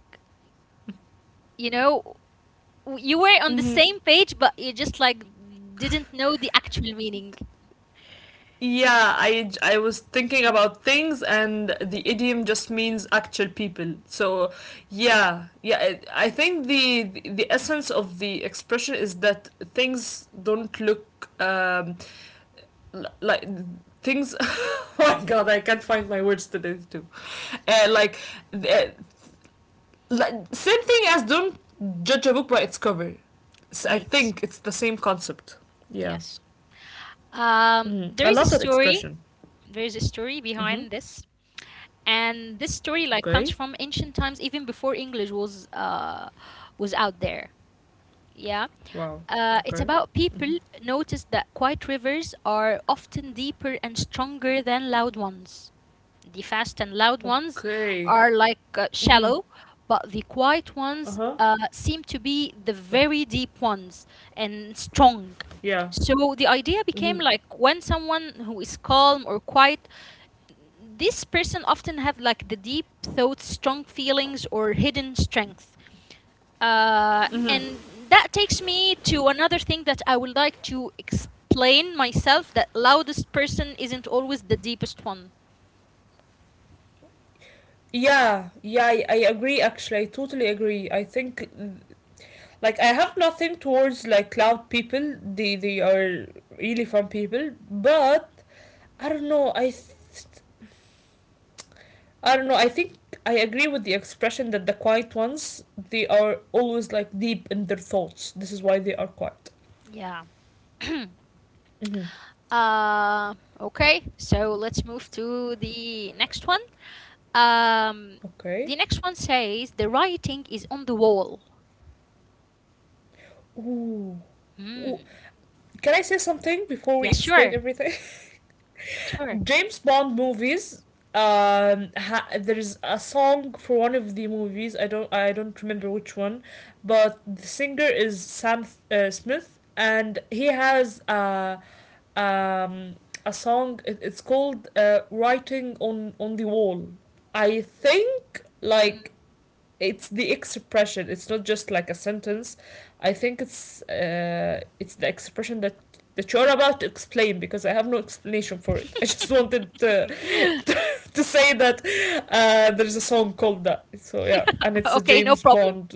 Speaker 1: you know, you were on the
Speaker 2: Hmm.
Speaker 1: same page, but you just like didn't know the actual meaning.
Speaker 2: Yeah, I was thinking about things, and the idiom just means actual people. So, yeah, yeah, I think the essence of the expression is that things don't look um like things. Oh my god, I can't find my words today too. Uh, like, uh, like, same thing as don't judge a book by its cover. So I
Speaker 1: Great.
Speaker 2: think it's the same concept. Yeah.
Speaker 1: Yes.
Speaker 2: Mhm.
Speaker 1: There
Speaker 2: I
Speaker 1: is a
Speaker 2: love that
Speaker 1: story.
Speaker 2: expression.
Speaker 1: There is a story
Speaker 2: Mm-hmm.
Speaker 1: behind this. And this story
Speaker 2: Okay.
Speaker 1: like comes from ancient times, even before English was out there. Yeah.
Speaker 2: Wow.
Speaker 1: It's
Speaker 2: Okay.
Speaker 1: about people
Speaker 2: Mhm.
Speaker 1: noticed that quiet rivers are often deeper and stronger than loud ones. The fast and loud ones
Speaker 2: Okay.
Speaker 1: are like
Speaker 2: Mm-hmm.
Speaker 1: shallow, but the quiet
Speaker 2: Uh
Speaker 1: ones
Speaker 2: huh.
Speaker 1: seem to be the very deep ones and strong.
Speaker 2: Yeah.
Speaker 1: So the idea became
Speaker 2: Mm-hmm.
Speaker 1: like when someone who is calm or quiet, this person often have like the deep thoughts, strong feelings, or hidden strength. And that takes me to another thing that I would like to explain myself: that loudest person isn't always the deepest one.
Speaker 2: Yeah, yeah, I agree actually. I totally agree. I think like I have nothing towards like loud people. They are really fun people, but I don't know. I don't know. I think I agree with the expression that the quiet ones, they are always like deep in their thoughts. This is why they are quiet.
Speaker 1: Yeah.
Speaker 2: Mm-hmm.
Speaker 1: Uh, okay, so let's move to the next one. Um,
Speaker 2: Okay.
Speaker 1: the next one says the writing is on the wall.
Speaker 2: Ooh.
Speaker 1: Hmm.
Speaker 2: Ooh. Can I say something before we
Speaker 1: Yes,
Speaker 2: explain
Speaker 1: sure.
Speaker 2: everything?
Speaker 1: Sure.
Speaker 2: James Bond movies. There is a song for one of the movies. I don't. I don't remember which one, but the singer is Sam Smith, and he has um, a song. It's called "Writing on the Wall." I think like it's the expression, it's not just like a sentence. I think it's the expression that you're about to explain, because I have no explanation for it. I just wanted to say that, there's a song called that, so yeah, and it's a
Speaker 1: Okay, no
Speaker 2: James
Speaker 1: problem.
Speaker 2: Bond.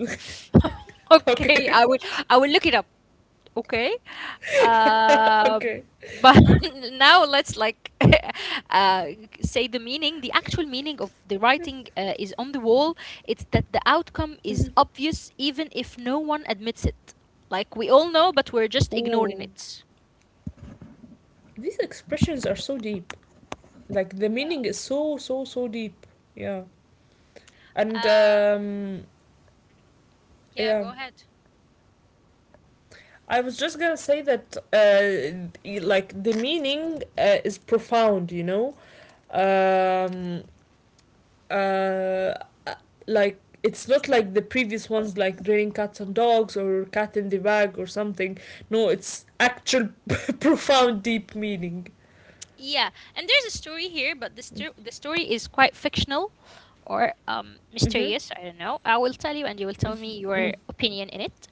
Speaker 1: Okay,
Speaker 2: Okay.
Speaker 1: I will look it up. Okay. Um
Speaker 2: Okay.
Speaker 1: but now let's like uh say the meaning, the actual meaning of the writing is on the wall. It's that the outcome is
Speaker 2: Mm-hmm.
Speaker 1: obvious even if no one admits it. Like we all know but we're just ignoring
Speaker 2: Ooh.
Speaker 1: it.
Speaker 2: These expressions are so deep, like the
Speaker 1: Yeah.
Speaker 2: meaning is so, so, so deep. Yeah. And
Speaker 1: Uh, yeah,
Speaker 2: yeah,
Speaker 1: go ahead.
Speaker 2: I was just gonna say that, like, the meaning is profound, you know? Um, uh, uh, like, it's not like the previous ones, like draining cats and dogs, or cat in the bag or something. No, it's actual profound, deep meaning.
Speaker 1: Yeah, and there's a story here, but the story is quite fictional or
Speaker 2: Mm hmm.
Speaker 1: mysterious. I don't know. I will tell you, and you will tell me your opinion in it.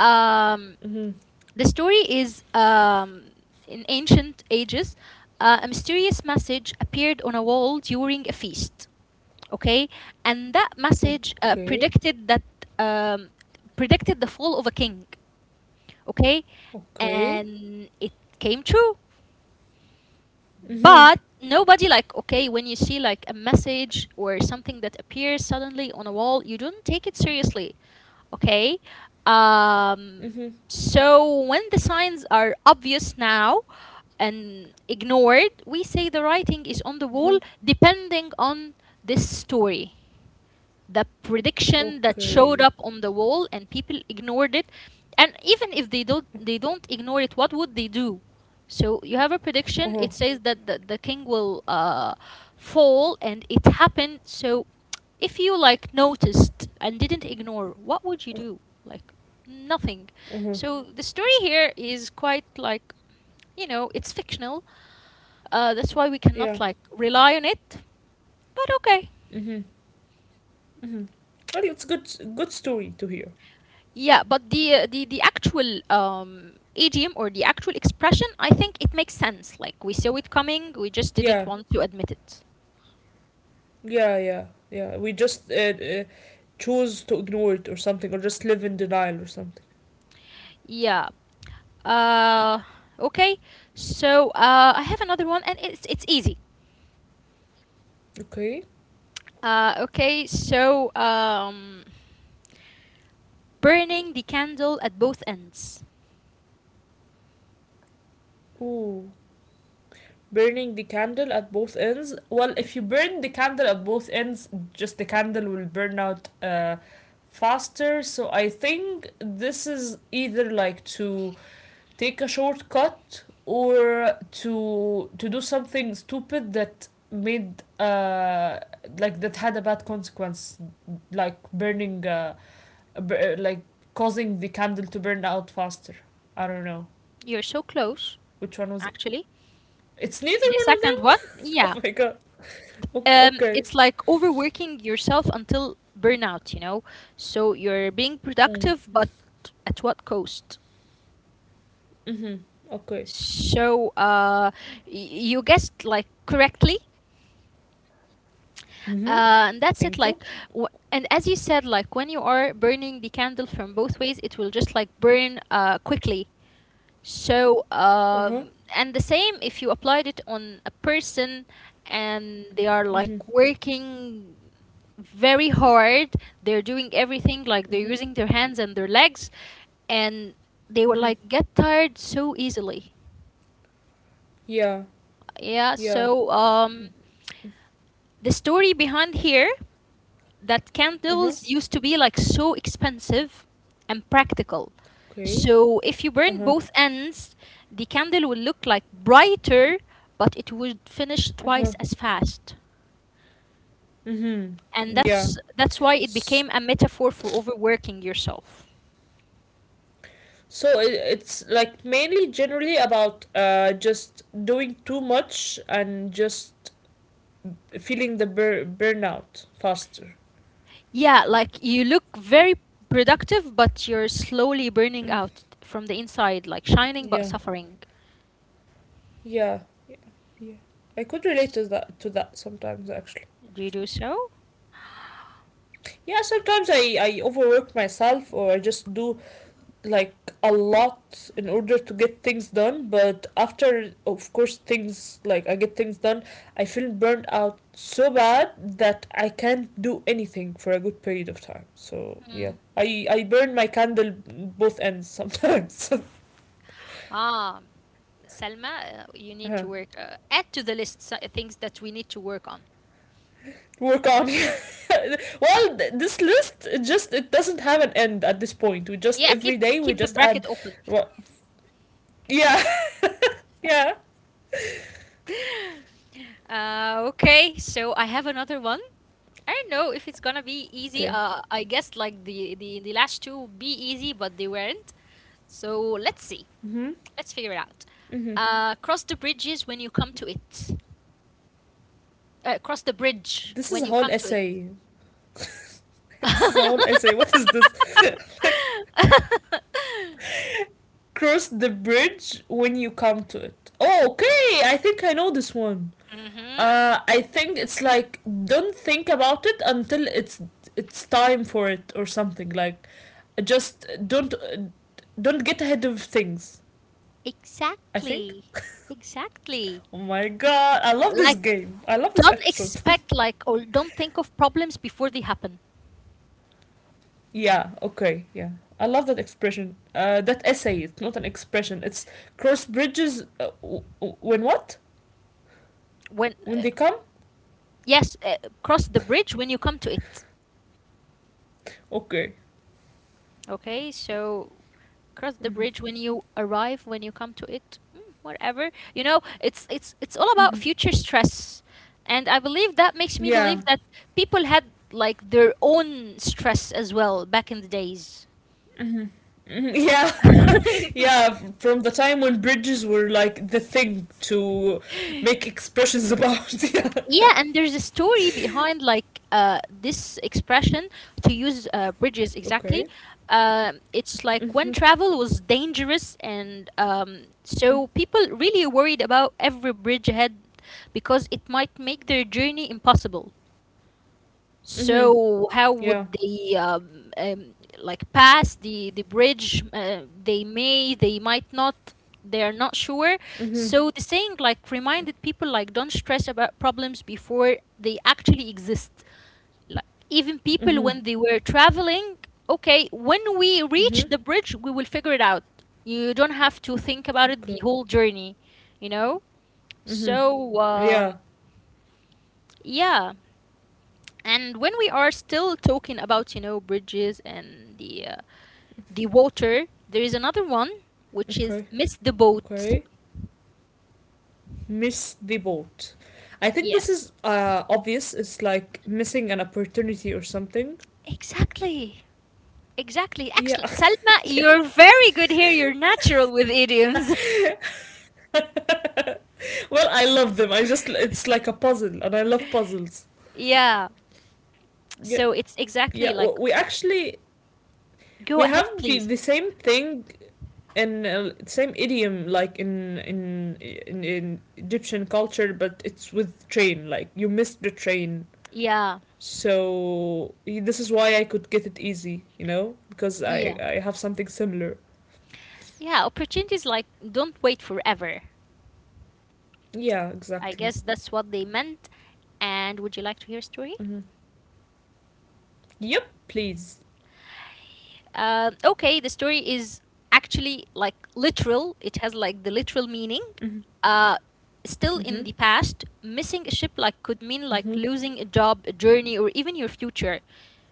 Speaker 1: Um,
Speaker 2: Mm hmm.
Speaker 1: the story is in ancient ages, a mysterious message appeared on a wall during a feast. Okay, and that
Speaker 2: Oh,
Speaker 1: message
Speaker 2: okay.
Speaker 1: um predicted the fall of a king. Okay,
Speaker 2: Okay.
Speaker 1: and it came true,
Speaker 2: Mm hmm.
Speaker 1: but nobody like, okay, when you see like a message or something that appears suddenly on a wall, you don't take it seriously. Okay, um
Speaker 2: Mm hmm.
Speaker 1: so when the signs are obvious now and ignored, we say the writing is on the
Speaker 2: Mm hmm.
Speaker 1: wall. Depending on this story, the prediction that showed
Speaker 2: Okay.
Speaker 1: up on the wall, and people ignored it. And even if they don't ignore it, what would they do? So you have a
Speaker 2: Uh
Speaker 1: prediction,
Speaker 2: huh.
Speaker 1: it says that the king will fall, and it happened. So if you like noticed and didn't ignore, what would you do, like, nothing?
Speaker 2: Uh huh.
Speaker 1: So the story here is quite like, it's fictional. That's why we
Speaker 2: Yeah.
Speaker 1: cannot like rely on it, but okay.
Speaker 2: Mm hmm. Mm hmm. Well, it's good, good story to hear.
Speaker 1: Yeah, but the actual idiom or the actual expression, I think it makes sense. Like we saw it coming, we just didn't
Speaker 2: Yeah.
Speaker 1: want to admit it.
Speaker 2: Yeah, yeah, yeah. We just choose to ignore it or something, or just live in denial or something.
Speaker 1: Yeah. Uh, okay. So I have another one, and it's easy.
Speaker 2: Okay.
Speaker 1: Okay. So burning the candle at both ends.
Speaker 2: Ooh. Burning the candle at both ends. Well, if you burn the candle at both ends, just the candle will burn out faster. So I think this is either like to take a shortcut, or to do something stupid that made like that had a bad consequence, like burning like causing the candle to burn out faster. I don't know
Speaker 1: You're so close,
Speaker 2: which one was it.
Speaker 1: actually.
Speaker 2: It's neither
Speaker 1: The
Speaker 2: one of
Speaker 1: second one,
Speaker 2: them. Oh
Speaker 1: yeah.
Speaker 2: my god. Okay.
Speaker 1: It's like overworking yourself until burnout, you know? So you're being
Speaker 2: Mm.
Speaker 1: productive, but at what cost?
Speaker 2: Mm-hmm. Okay.
Speaker 1: So you guessed like correctly.
Speaker 2: Mm-hmm.
Speaker 1: And that's it.
Speaker 2: Thank you.
Speaker 1: Like, w- and as you said, like when you are burning the candle from both ways, it will just like burn quickly. So,
Speaker 2: Uh-huh.
Speaker 1: um, and the same if you applied it on a person and they are like
Speaker 2: Mm-hmm.
Speaker 1: working very hard, they're doing everything, like they're
Speaker 2: Mm-hmm.
Speaker 1: using their hands and their legs, and they will
Speaker 2: Mm-hmm.
Speaker 1: like get tired so easily.
Speaker 2: Yeah.
Speaker 1: Yeah,
Speaker 2: Yeah.
Speaker 1: so um, the story behind here. That
Speaker 2: Uh-huh.
Speaker 1: candles used to be like so expensive and practical.
Speaker 2: Okay.
Speaker 1: So if you burn
Speaker 2: Uh-huh.
Speaker 1: both ends, the candle will look like brighter, but it would finish
Speaker 2: Uh-huh.
Speaker 1: twice as fast.
Speaker 2: Mm-hmm.
Speaker 1: And
Speaker 2: Yeah.
Speaker 1: that's why it
Speaker 2: S-
Speaker 1: became a metaphor for overworking yourself.
Speaker 2: so it's like mainly generally about just doing too much, and just feeling the burnout faster.
Speaker 1: Yeah, like you look very productive, but you're slowly burning
Speaker 2: Mm.
Speaker 1: out from the inside, like shining but
Speaker 2: Yeah.
Speaker 1: suffering.
Speaker 2: Yeah, yeah, yeah. I could relate to that sometimes, actually.
Speaker 1: Do you do so?
Speaker 2: Yeah, sometimes I overwork myself, or I just do like a lot in order to get things done, but after, of course, things like I get things done, I feel burned out so bad that I can't do anything for a good period of time. So, yeah. I burn my candle both ends sometimes.
Speaker 1: Ah, Selma, you need
Speaker 2: Uh-huh.
Speaker 1: to work. Add to the list things that we need to work on.
Speaker 2: Work on. Well, this list, it doesn't have an end at this point. We just
Speaker 1: Yeah,
Speaker 2: Every
Speaker 1: keep
Speaker 2: day we
Speaker 1: keep the
Speaker 2: just
Speaker 1: bracket
Speaker 2: add
Speaker 1: open.
Speaker 2: what, yeah. Yeah.
Speaker 1: Okay, so I have another one. I don't know if it's gonna be easy.
Speaker 2: Okay.
Speaker 1: I guess like the last two would be easy, but they weren't. So let's see.
Speaker 2: Mhm.
Speaker 1: Let's figure it out.
Speaker 2: Mhm.
Speaker 1: Cross the bridges when you come to it. Cross the bridge
Speaker 2: This is
Speaker 1: when
Speaker 2: a
Speaker 1: you
Speaker 2: whole
Speaker 1: come to it.
Speaker 2: essay. This is a whole essay. What is this? Like, cross the bridge when you come to it. Oh, okay. I think I know this one.
Speaker 1: Mm-hmm.
Speaker 2: I think it's like don't think about it until it's time for it or something like just don't get ahead of things I think.
Speaker 1: Exactly. Exactly.
Speaker 2: Oh my god, I love this
Speaker 1: Like
Speaker 2: game. I love this
Speaker 1: don't
Speaker 2: episode.
Speaker 1: expect like or don't think of problems before they happen
Speaker 2: yeah, okay, yeah. I love that expression. That essay. It's not an expression. It's cross bridges. When what?
Speaker 1: when
Speaker 2: When they come?
Speaker 1: yes, cross the bridge when you come to it,
Speaker 2: Okay.
Speaker 1: okay, so cross the
Speaker 2: Mm-hmm.
Speaker 1: bridge when you arrive when you come to it, whatever, you know, it's all about
Speaker 2: Mm-hmm.
Speaker 1: future stress. And I believe that makes me
Speaker 2: Yeah.
Speaker 1: believe that people had like their own stress as well back in the days.
Speaker 2: Mm-hmm. Yeah, yeah. From the time when bridges were like the thing to make expressions about. yeah.
Speaker 1: Yeah, and there's a story behind like this expression to use bridges exactly.
Speaker 2: Okay.
Speaker 1: It's like when
Speaker 2: Mhm.
Speaker 1: travel was dangerous, and so people really worried about every bridge ahead because it might make their journey impossible.
Speaker 2: Mhm.
Speaker 1: So how
Speaker 2: Yeah.
Speaker 1: would they like pass the bridge? They they might not. They are not sure.
Speaker 2: Mhm.
Speaker 1: So the saying like reminded people like don't stress about problems before they actually exist. Like even people
Speaker 2: Mhm.
Speaker 1: when they were traveling, okay, when we reach
Speaker 2: Mhm.
Speaker 1: the bridge, we will figure it out. You don't have to think about it the
Speaker 2: Okay.
Speaker 1: whole journey, you know.
Speaker 2: Mhm.
Speaker 1: So
Speaker 2: Yeah.
Speaker 1: yeah. And when we are still talking about, you know, bridges and the water, there is another one which is
Speaker 2: Okay.
Speaker 1: miss the boat.
Speaker 2: Okay. Miss the boat. I think this
Speaker 1: Yes.
Speaker 2: is obvious. It's like missing an opportunity or something.
Speaker 1: Exactly. Exactly.
Speaker 2: Yeah,
Speaker 1: Excellent. Salma,
Speaker 2: yeah.
Speaker 1: you're very good here. You're natural with idioms.
Speaker 2: Well, I love them. I just it's like a puzzle, and I love puzzles.
Speaker 1: yeah.
Speaker 2: Yeah,
Speaker 1: So it's exactly
Speaker 2: yeah.
Speaker 1: like
Speaker 2: We actually,
Speaker 1: go
Speaker 2: we
Speaker 1: ahead,
Speaker 2: have the
Speaker 1: please.
Speaker 2: the same thing in same idiom like in Egyptian culture, but it's with train. Like you missed the train.
Speaker 1: Yeah.
Speaker 2: So this is why I could get it easy, because I
Speaker 1: Yeah.
Speaker 2: I have something similar.
Speaker 1: Yeah, opportunities like don't wait forever.
Speaker 2: Yeah,
Speaker 1: I
Speaker 2: exactly.
Speaker 1: guess that's what they meant. And would you like to hear a story?
Speaker 2: Hmm. Yep, please.
Speaker 1: Okay, the story is actually like literal. It has like the literal meaning.
Speaker 2: Mhm.
Speaker 1: Uh, Still in
Speaker 2: Mhm.
Speaker 1: the past, missing a ship like could mean like
Speaker 2: Mhm.
Speaker 1: losing a job, a journey, or even your future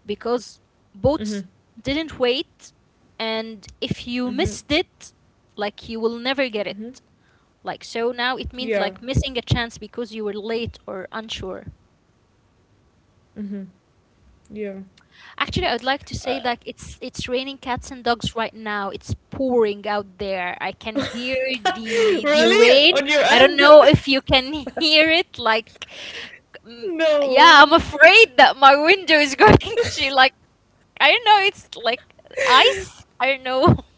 Speaker 1: because boats
Speaker 2: Mhm.
Speaker 1: didn't wait, and if you
Speaker 2: Mhm.
Speaker 1: missed it, like you will never get
Speaker 2: Mhm.
Speaker 1: it. Like so now, it means
Speaker 2: Yeah.
Speaker 1: like missing a chance because you were late or unsure.
Speaker 2: Mhm. Yeah.
Speaker 1: Actually, I would like to
Speaker 2: Uh,
Speaker 1: say like it's raining cats and dogs right now. It's pouring out there. I can hear the
Speaker 2: really?
Speaker 1: rain.
Speaker 2: On your
Speaker 1: I don't
Speaker 2: end?
Speaker 1: know if you can hear it. Like, mm, yeah, I'm
Speaker 2: no.
Speaker 1: afraid that my window is going to like I don't know. It's like ice. I don't know.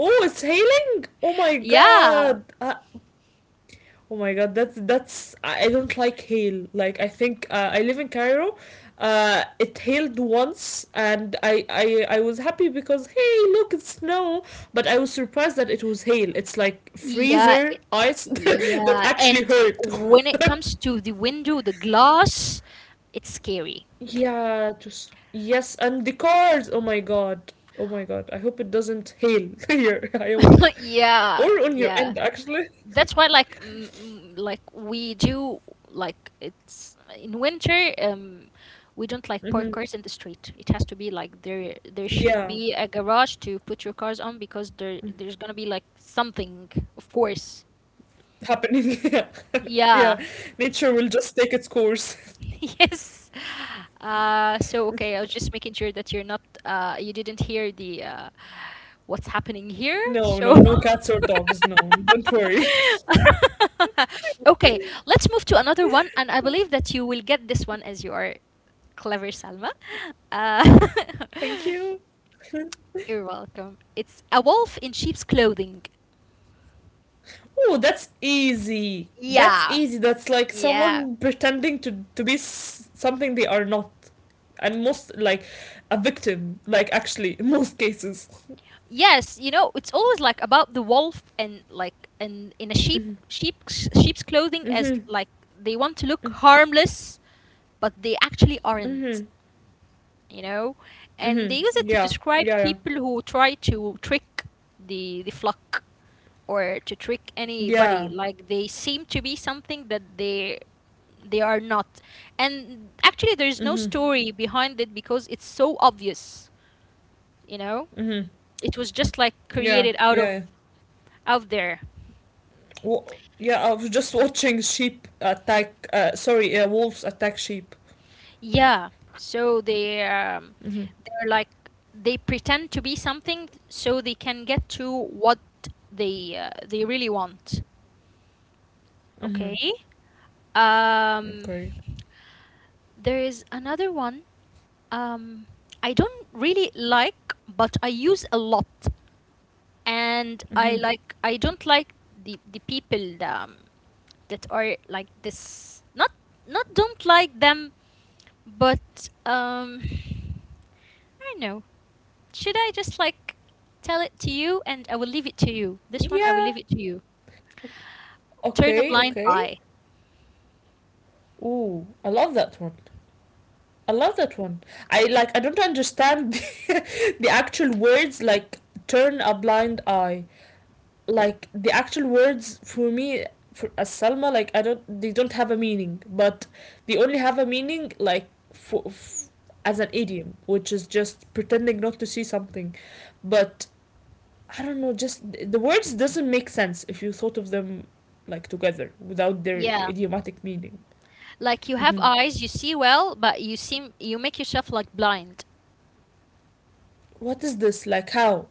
Speaker 2: Oh, it's hailing? Oh my
Speaker 1: Yeah,
Speaker 2: god. Oh my god, that's I don't like hail. Like I think, I live in Cairo. It hailed once, and I was happy because hey, look, it's snow. But I was surprised that it was hail. It's like
Speaker 1: yeah,
Speaker 2: freezer ice that
Speaker 1: yeah.
Speaker 2: actually
Speaker 1: And
Speaker 2: hurt.
Speaker 1: when it comes to the window, the glass, it's scary.
Speaker 2: Yeah, just yes, and the cars. Oh my god. Oh my god. I hope it doesn't hail here. I hope, or
Speaker 1: Yeah,
Speaker 2: on your
Speaker 1: yeah.
Speaker 2: end actually.
Speaker 1: That's why like like we do like it's in winter, we don't like park
Speaker 2: Hmm.
Speaker 1: cars in the street. It has to be like there should
Speaker 2: Yeah,
Speaker 1: be a garage to put your cars on, because there's gonna be like something, of course.
Speaker 2: happening. yeah, yeah.
Speaker 1: Yeah.
Speaker 2: Nature will just take its course.
Speaker 1: Yes, so okay, I was just making sure that you're not, you didn't hear the what's happening here?
Speaker 2: No,
Speaker 1: So,
Speaker 2: no, no cats or dogs. No, don't worry.
Speaker 1: okay, let's move to another one. And I believe that you will get this one as you are clever, Salma. Uh,
Speaker 2: Thank you.
Speaker 1: you're welcome. It's a wolf in sheep's clothing.
Speaker 2: Oh, that's easy. That's
Speaker 1: Yeah.
Speaker 2: easy. That's like
Speaker 1: Yeah.
Speaker 2: someone pretending to be something they are not, and most like a victim. Like actually, in most cases.
Speaker 1: Yes, you know, it's always like about the wolf and like and in a
Speaker 2: Mhm.
Speaker 1: sheep's clothing, as
Speaker 2: Mhm.
Speaker 1: like they want to look harmless, but they actually
Speaker 2: Mhm.
Speaker 1: aren't. You know, and
Speaker 2: Mhm.
Speaker 1: they use it to
Speaker 2: Yeah.
Speaker 1: describe
Speaker 2: Yeah. Yeah.
Speaker 1: people who try to trick the flock or to trick anybody.
Speaker 2: Yeah.
Speaker 1: Like they seem to be something that they are not. And actually, there is no
Speaker 2: Mhm.
Speaker 1: story behind it because it's so obvious. You know,
Speaker 2: Mhm.
Speaker 1: it was just like
Speaker 2: Yeah.
Speaker 1: created out
Speaker 2: Yeah. Yeah.
Speaker 1: of out there.
Speaker 2: Yeah. I was just watching sheep attack. Sorry, wolves attack sheep.
Speaker 1: Yeah, so they,
Speaker 2: Mhm.
Speaker 1: they're like they pretend to be something so they can get to what they, they really want. Okay.
Speaker 2: Mhm.
Speaker 1: Um,
Speaker 2: Okay.
Speaker 1: there is another one. Um, I don't really like, but I use a lot, and I
Speaker 2: Mm-hmm.
Speaker 1: like I don't like the people that, that are like this. Not don't like them, but I don't know. Should I just like tell it to you, and I will leave it to you. This one I will
Speaker 2: Yeah.
Speaker 1: leave it to you. Turn a
Speaker 2: Okay,
Speaker 1: blind
Speaker 2: okay.
Speaker 1: eye.
Speaker 2: Ooh, I love that one. I love that one. I don't understand the actual words like turn a blind eye. Like the actual words for me, for as Salma, like I don't they don't have a meaning, but they only have a meaning, like for, f as an idiom, which is just pretending not to see something. But I don't know, just the words doesn't make sense if you thought of them like together without their
Speaker 1: Yeah.
Speaker 2: idiomatic meaning.
Speaker 1: Like you have
Speaker 2: Mm-hmm.
Speaker 1: eyes, you see well, but you seem you make yourself like blind.
Speaker 2: What is this, like, how?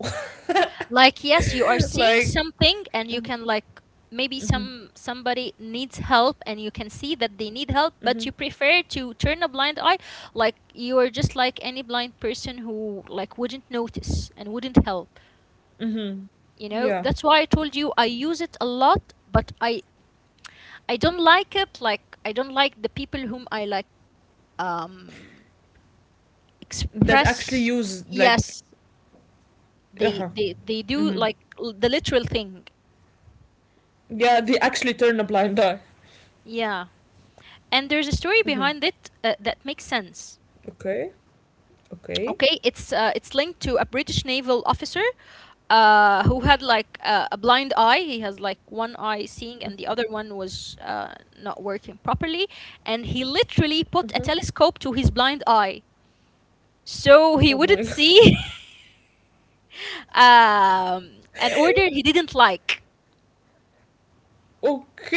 Speaker 1: Like yes, you are seeing
Speaker 2: like
Speaker 1: something and you can like maybe
Speaker 2: mm-hmm,
Speaker 1: somebody needs help and you can see that they need help, but
Speaker 2: mm-hmm,
Speaker 1: you prefer to turn a blind eye, like you are just like any blind person who like wouldn't notice and wouldn't help,
Speaker 2: mm-hmm.
Speaker 1: you know.
Speaker 2: Yeah,
Speaker 1: That's why I told you I use it a lot, but I don't like it. Like I don't like the people whom I like, um
Speaker 2: that actually
Speaker 1: express,
Speaker 2: use, like
Speaker 1: yes,
Speaker 2: uh-huh,
Speaker 1: they do
Speaker 2: mm-hmm.
Speaker 1: like the literal thing.
Speaker 2: Yeah, they actually turn a blind eye.
Speaker 1: Yeah, and there's a story
Speaker 2: Mm-hmm.
Speaker 1: behind it, that makes sense.
Speaker 2: Okay, okay.
Speaker 1: Okay, it's linked to a British naval officer, who had like a blind eye. He has like one eye seeing, and the other one was, not working properly. And he literally put a
Speaker 2: Mm-hmm.
Speaker 1: telescope to his blind eye so he
Speaker 2: Oh my
Speaker 1: wouldn't
Speaker 2: god.
Speaker 1: see, an order he didn't like.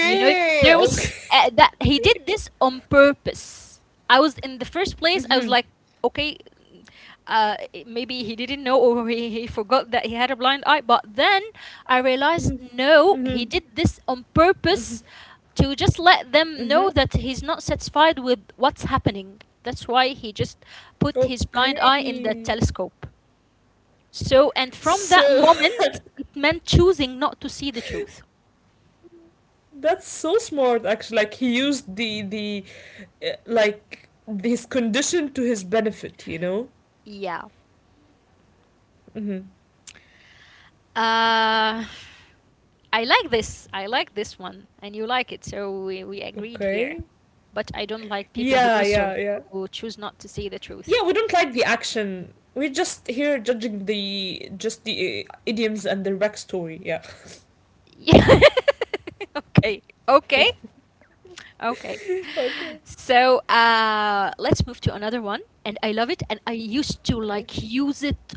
Speaker 1: You know, there was,
Speaker 2: okay.
Speaker 1: that he did this on purpose. I was in the first place. I was
Speaker 2: Mm-hmm.
Speaker 1: like, okay, uh, maybe he didn't know, or he forgot that he had a blind eye. But then I realized,
Speaker 2: Mm-hmm.
Speaker 1: no, he
Speaker 2: Mm-hmm.
Speaker 1: did this on
Speaker 2: Mm-hmm.
Speaker 1: purpose to just let them
Speaker 2: Mm-hmm.
Speaker 1: know that he's not satisfied with what's happening. That's why he just put his blind eye in the
Speaker 2: Okay.
Speaker 1: telescope. So, and from that
Speaker 2: So
Speaker 1: moment, it meant choosing not to see the truth.
Speaker 2: that's so smart actually, like he used the like his condition to his benefit, you know?
Speaker 1: Yeah.
Speaker 2: Mhm.
Speaker 1: Uh, I like this. I like this one, and you like it, so we agreed here.
Speaker 2: Okay.
Speaker 1: But I don't like people who
Speaker 2: Yeah,
Speaker 1: do so,
Speaker 2: yeah, yeah.
Speaker 1: who choose not to see the truth.
Speaker 2: Yeah, we don't like the action. We're just here judging the idioms and their backstory. Yeah.
Speaker 1: Yeah. okay. Okay. Okay. So let's move to another one, and I love it, and I used to
Speaker 2: Okay.
Speaker 1: like use it,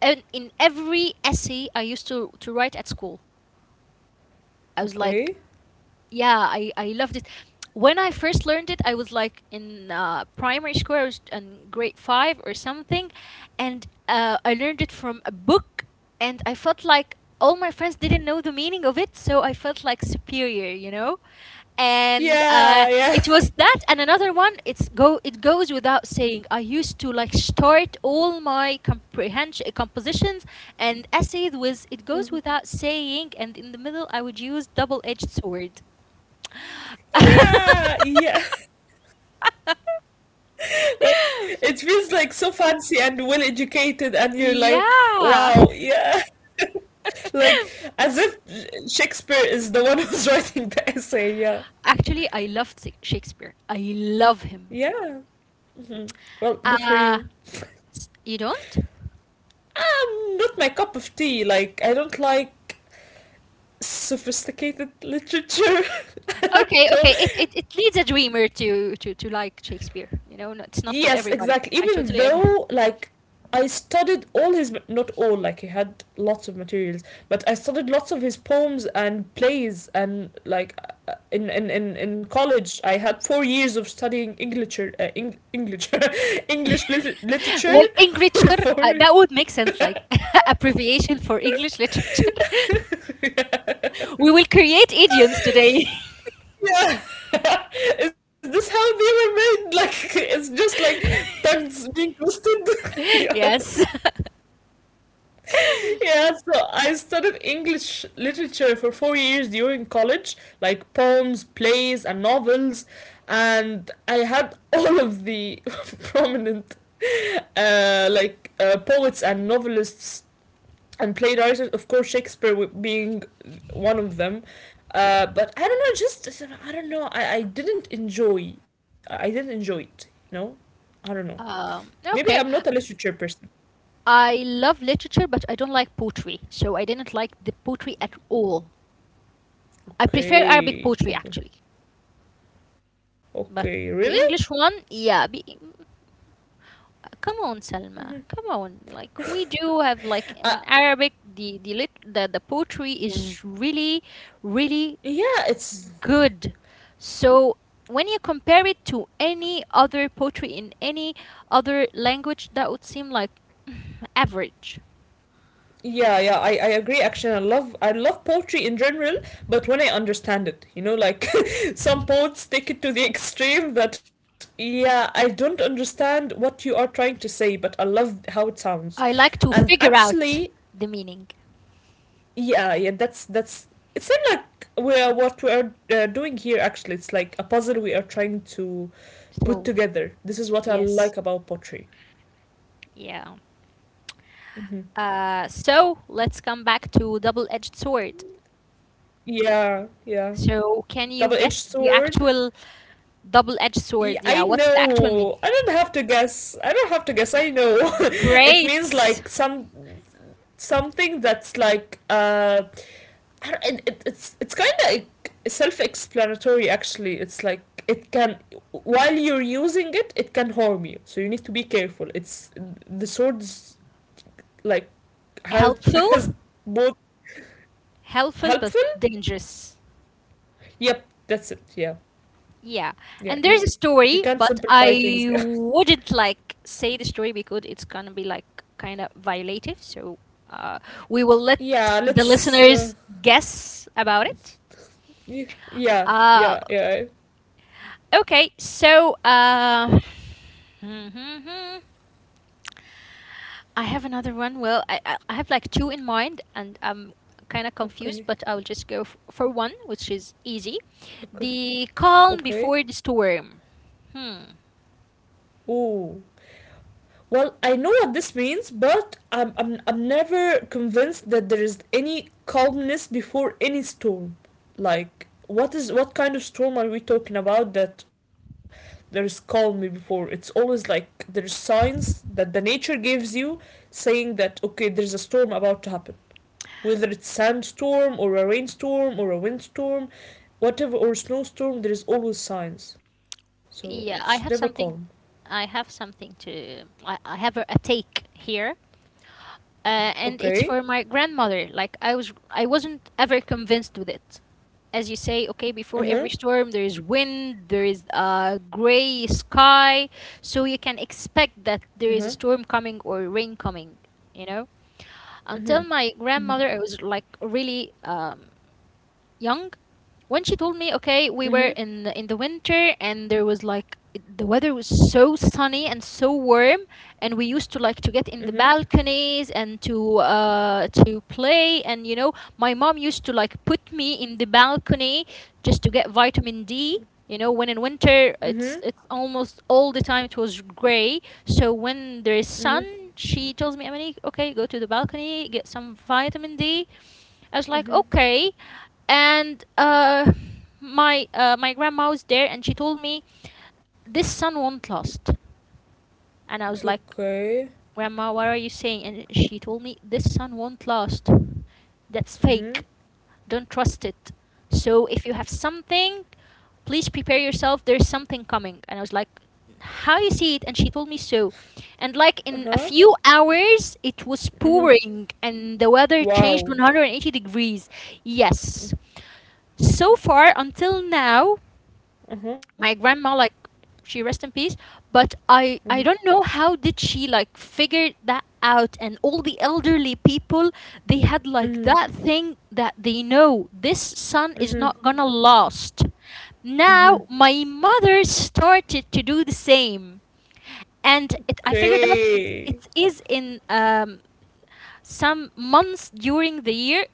Speaker 1: and in every essay I used to write at school. I was like,
Speaker 2: Okay.
Speaker 1: yeah, I loved it when I first learned it. I was like in primary school. I was in grade five or something, and I learned it from a book, and I felt like all my friends didn't know the meaning of it, so I felt like superior, you know, and
Speaker 2: Yeah, yeah.
Speaker 1: it was that, and another one, it's go it goes without saying. I used to like start all my comprehension compositions and essays with it goes
Speaker 2: Mhm.
Speaker 1: without saying, and in the middle I would use double-edged sword.
Speaker 2: Yeah, yeah. Like it feels like so fancy and well educated and you're like
Speaker 1: Yeah.
Speaker 2: wow, yeah. Like as if Shakespeare is the one who's writing the essay. Yeah.
Speaker 1: Actually, I loved Shakespeare. I love him.
Speaker 2: Yeah. Hmm. Well, good for you.
Speaker 1: Uh, you don't?
Speaker 2: Not my cup of tea. Like, I don't like sophisticated literature. I
Speaker 1: Okay,
Speaker 2: don't know.
Speaker 1: okay. It leads a dreamer to like Shakespeare. You know, no, it's not for
Speaker 2: Yes,
Speaker 1: everybody.
Speaker 2: exactly.
Speaker 1: I
Speaker 2: Even
Speaker 1: totally
Speaker 2: though,
Speaker 1: agree.
Speaker 2: like, I studied all his, not all, like, he had lots of materials, but I studied lots of his poems and plays. And, like, in college, I had 4 years of studying English, English, English literature
Speaker 1: Well, English,
Speaker 2: for
Speaker 1: literature,
Speaker 2: four years.
Speaker 1: that would make sense, like abbreviation for English literature.
Speaker 2: Yeah.
Speaker 1: We will create idioms today.
Speaker 2: Yeah. Is this how they were made? Like it's just like tongues being twisted. yeah.
Speaker 1: Yes.
Speaker 2: Yeah, so I studied English literature for 4 years during college, like poems, plays and novels, and I had all of the prominent like poets and novelists and played artists, of course, Shakespeare being one of them. But I don't know, just I don't know. I didn't enjoy. I didn't enjoy it. You know, I don't know. Maybe I'm
Speaker 1: Okay.
Speaker 2: not a literature person.
Speaker 1: I love literature, but I don't like poetry, so I didn't like the poetry at all. I prefer Arabic poetry
Speaker 2: Okay,
Speaker 1: actually,
Speaker 2: okay,
Speaker 1: but
Speaker 2: okay.
Speaker 1: the
Speaker 2: Really?
Speaker 1: English one, yeah. Come on, Salma, come on. Like we do have like in
Speaker 2: Uh,
Speaker 1: Arabic, the poetry is really, really
Speaker 2: yeah, it's
Speaker 1: good. So when you compare it to any other poetry in any other language, that would seem like average.
Speaker 2: yeah, yeah, I agree. Actually, I love poetry in general, but when I understand it, you know, like some poets take it to the extreme that yeah, I don't understand what you are trying to say, but I love how it sounds.
Speaker 1: I like to
Speaker 2: And
Speaker 1: figure
Speaker 2: actually,
Speaker 1: out the meaning.
Speaker 2: yeah, yeah, that's it seems like we are doing here. Actually, it's like a puzzle we are trying to put
Speaker 1: 12.
Speaker 2: together. This is what I
Speaker 1: Yes.
Speaker 2: like about poetry.
Speaker 1: Yeah.
Speaker 2: Hmm.
Speaker 1: So let's come back to double-edged sword.
Speaker 2: Yeah, yeah,
Speaker 1: So can you
Speaker 2: double edged
Speaker 1: guess the
Speaker 2: sword.
Speaker 1: actual double-edged sword?
Speaker 2: Yeah,
Speaker 1: Yeah,
Speaker 2: I
Speaker 1: what's the actual meaning?
Speaker 2: know. I don't have to guess. I don't have to guess. I know. It
Speaker 1: Great.
Speaker 2: means like something that's like I don't- it- it's kind of self-explanatory actually. It's like it can while you're using it, it can harm you. So you need to be careful. It's the swords, like, has
Speaker 1: Helpful.
Speaker 2: both
Speaker 1: Helpful but
Speaker 2: helpful.
Speaker 1: dangerous.
Speaker 2: Yep, that's it. Yeah.
Speaker 1: Yeah.
Speaker 2: Yeah,
Speaker 1: And
Speaker 2: you
Speaker 1: there's a
Speaker 2: can
Speaker 1: story,
Speaker 2: simplify
Speaker 1: but
Speaker 2: things. Yeah.
Speaker 1: I wouldn't like say the story because it's gonna be like kind of violative. So uh, we will let
Speaker 2: Yeah,
Speaker 1: the
Speaker 2: let's,
Speaker 1: listeners guess about it.
Speaker 2: yeah,
Speaker 1: Uh,
Speaker 2: yeah, yeah.
Speaker 1: Okay, so mhm. I have another one. Well, I have like two in mind, and I'm kind of confused,
Speaker 2: Okay.
Speaker 1: but I'll just go f for one, which is easy.
Speaker 2: Okay.
Speaker 1: The calm
Speaker 2: Okay.
Speaker 1: before the storm. Hmm.
Speaker 2: Ooh. Well, I know what this means, but I'm never convinced that there is any calmness before any storm. Like, what kind of storm are we talking about that there is calm before? It's always like there's signs that the nature gives you saying that okay, there's a storm about to happen. Whether it's sandstorm or a rainstorm or a windstorm, whatever or snowstorm, there is always signs. So it's never
Speaker 1: Yeah, I
Speaker 2: calm.
Speaker 1: have something. I have something to. I have a take here. And it's
Speaker 2: Okay.
Speaker 1: for my grandmother. Like I wasn't ever convinced with it. As you say, okay, before
Speaker 2: Mm-hmm.
Speaker 1: every storm there is wind, there is a gray sky, so you can expect that
Speaker 2: Mm-hmm.
Speaker 1: there is a storm coming or rain coming. You know,
Speaker 2: Mm-hmm.
Speaker 1: until my
Speaker 2: Mm-hmm.
Speaker 1: grandmother, I was like really young when she told me okay we
Speaker 2: Mm-hmm.
Speaker 1: were in in the winter and there was like the weather was so sunny and so warm, and we used to like to get in the
Speaker 2: Mm-hmm.
Speaker 1: balconies and to play. And you know my mom used to like put me in the balcony just to get vitamin D. You know, when in winter it's
Speaker 2: Mm-hmm.
Speaker 1: it's almost all the time it was gray, so when there is sun
Speaker 2: Mm-hmm.
Speaker 1: she tells me, Emily, okay, go to the balcony, get some vitamin D. I was like okay.
Speaker 2: Hmm.
Speaker 1: And my my grandma was there, and she told me this son won't last. And I was like,
Speaker 2: Okay.
Speaker 1: Grandma, what are you saying? And she told me, This sun won't last. That's fake.
Speaker 2: Mm-hmm.
Speaker 1: Don't trust it. So if you have something, please prepare yourself. There's something coming. And I was like, How you see it? And she told me so. And like in a few
Speaker 2: Uh-huh.
Speaker 1: hours, it was pouring
Speaker 2: Mm-hmm.
Speaker 1: and the weather changed
Speaker 2: Wow.
Speaker 1: 180 degrees. Yes. So far, until now, my
Speaker 2: Uh-huh.
Speaker 1: grandma like she rest in peace, but i don't
Speaker 2: Mm-hmm.
Speaker 1: know how did she like figure that out. And all the elderly people, they had like that
Speaker 2: Mm-hmm.
Speaker 1: thing that they know this sun is not
Speaker 2: Mm-hmm.
Speaker 1: gonna last. Now
Speaker 2: Mm-hmm.
Speaker 1: my mother started to do the same, and I figured out it
Speaker 2: Okay.
Speaker 1: is in some months during the year,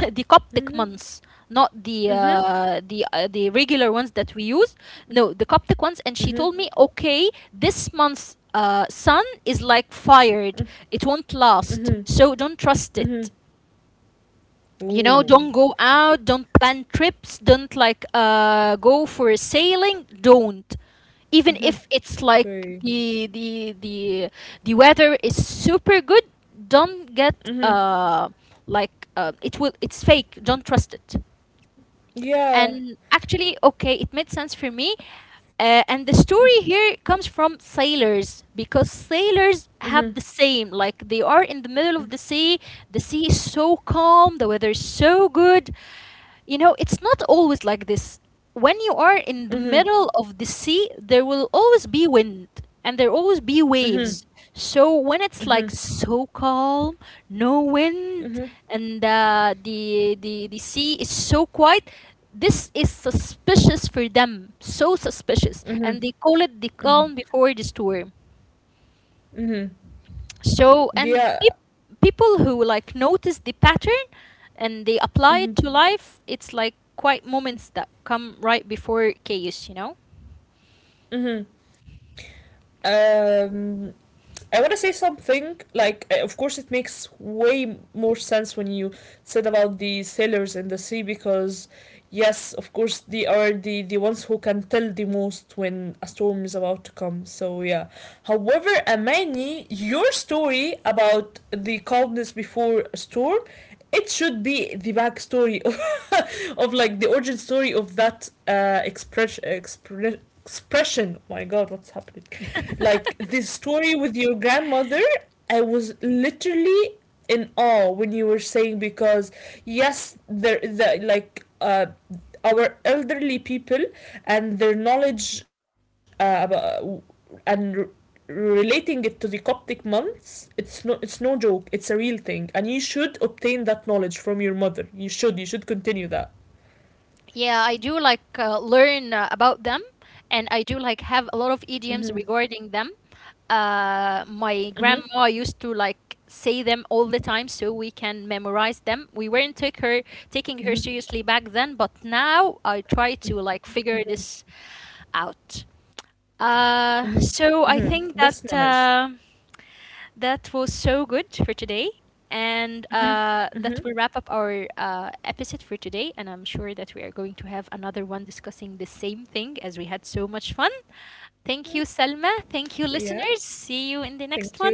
Speaker 1: the Coptic
Speaker 2: Mm-hmm.
Speaker 1: months, not the
Speaker 2: Mm-hmm.
Speaker 1: the regular ones that we use. No, the Coptic ones. And
Speaker 2: Mm-hmm.
Speaker 1: she told me, okay, this month's sun is like fired; it won't last,
Speaker 2: Mm-hmm.
Speaker 1: so don't trust it.
Speaker 2: Mm-hmm.
Speaker 1: You know, don't
Speaker 2: Ooh.
Speaker 1: go out, don't plan trips, don't like go for sailing, don't,
Speaker 2: Mm-hmm.
Speaker 1: even if it's like
Speaker 2: Okay.
Speaker 1: the the weather is super good, don't get
Speaker 2: Mm-hmm.
Speaker 1: like it will, it's fake, don't trust it.
Speaker 2: Yeah.
Speaker 1: And actually okay it made sense for me. And the story here comes from sailors, because sailors
Speaker 2: Mm-hmm.
Speaker 1: have the same, like they are in the middle of the sea, the sea is so calm, the weather is so good. You know, it's not always like this. When you are in the
Speaker 2: Mm-hmm.
Speaker 1: middle of the sea, there will always be wind and there always be
Speaker 2: Mm-hmm.
Speaker 1: waves. So when it's like
Speaker 2: Mm-hmm.
Speaker 1: so calm, no wind,
Speaker 2: Mm-hmm.
Speaker 1: and the sea is so quiet, this is suspicious for them. So suspicious,
Speaker 2: Mm-hmm.
Speaker 1: and they call it the calm before the storm.
Speaker 2: Mm-hmm.
Speaker 1: So, and
Speaker 2: Yeah.
Speaker 1: peop- People who like notice the pattern and they apply it
Speaker 2: Mm-hmm.
Speaker 1: to life, it's like quiet moments that come right before chaos, you know?
Speaker 2: Mm-hmm. Um, I want to say something like, of course, it makes way more sense when you said about the sailors in the sea because, yes, of course, they are the ones who can tell the most when a storm is about to come. So, yeah. However, Amani, your story about the calmness before a storm, it should be the backstory of, of like the origin story of that expression. Oh my god, what's happening? Like this story with your grandmother, I was literally in awe when you were saying because yes, there the, like, our elderly people and their knowledge, about, and relating it to the Coptic months, it's no joke. It's a real thing, and you should obtain that knowledge from your mother. You should continue that.
Speaker 1: Yeah, I do like learn about them, and I do like have a lot
Speaker 2: Mhm.
Speaker 1: of idioms regarding them.
Speaker 2: Mhm.
Speaker 1: My grandma used to like say them all the time so we can memorize them. We weren't take her taking her seriously back then, but now I try to like figure
Speaker 2: Mhm.
Speaker 1: this out.
Speaker 2: Mhm. Mhm. That's
Speaker 1: So I
Speaker 2: nice.
Speaker 1: think that that was so good for today, and
Speaker 2: Mhm. Mhm.
Speaker 1: that will wrap up our episode for today. And I'm sure that we are going to have another one discussing the same thing as we had so much fun. Thank you,
Speaker 2: Yeah.
Speaker 1: Salma. Thank you, listeners.
Speaker 2: Thank
Speaker 1: See you
Speaker 2: you.
Speaker 1: in the next one.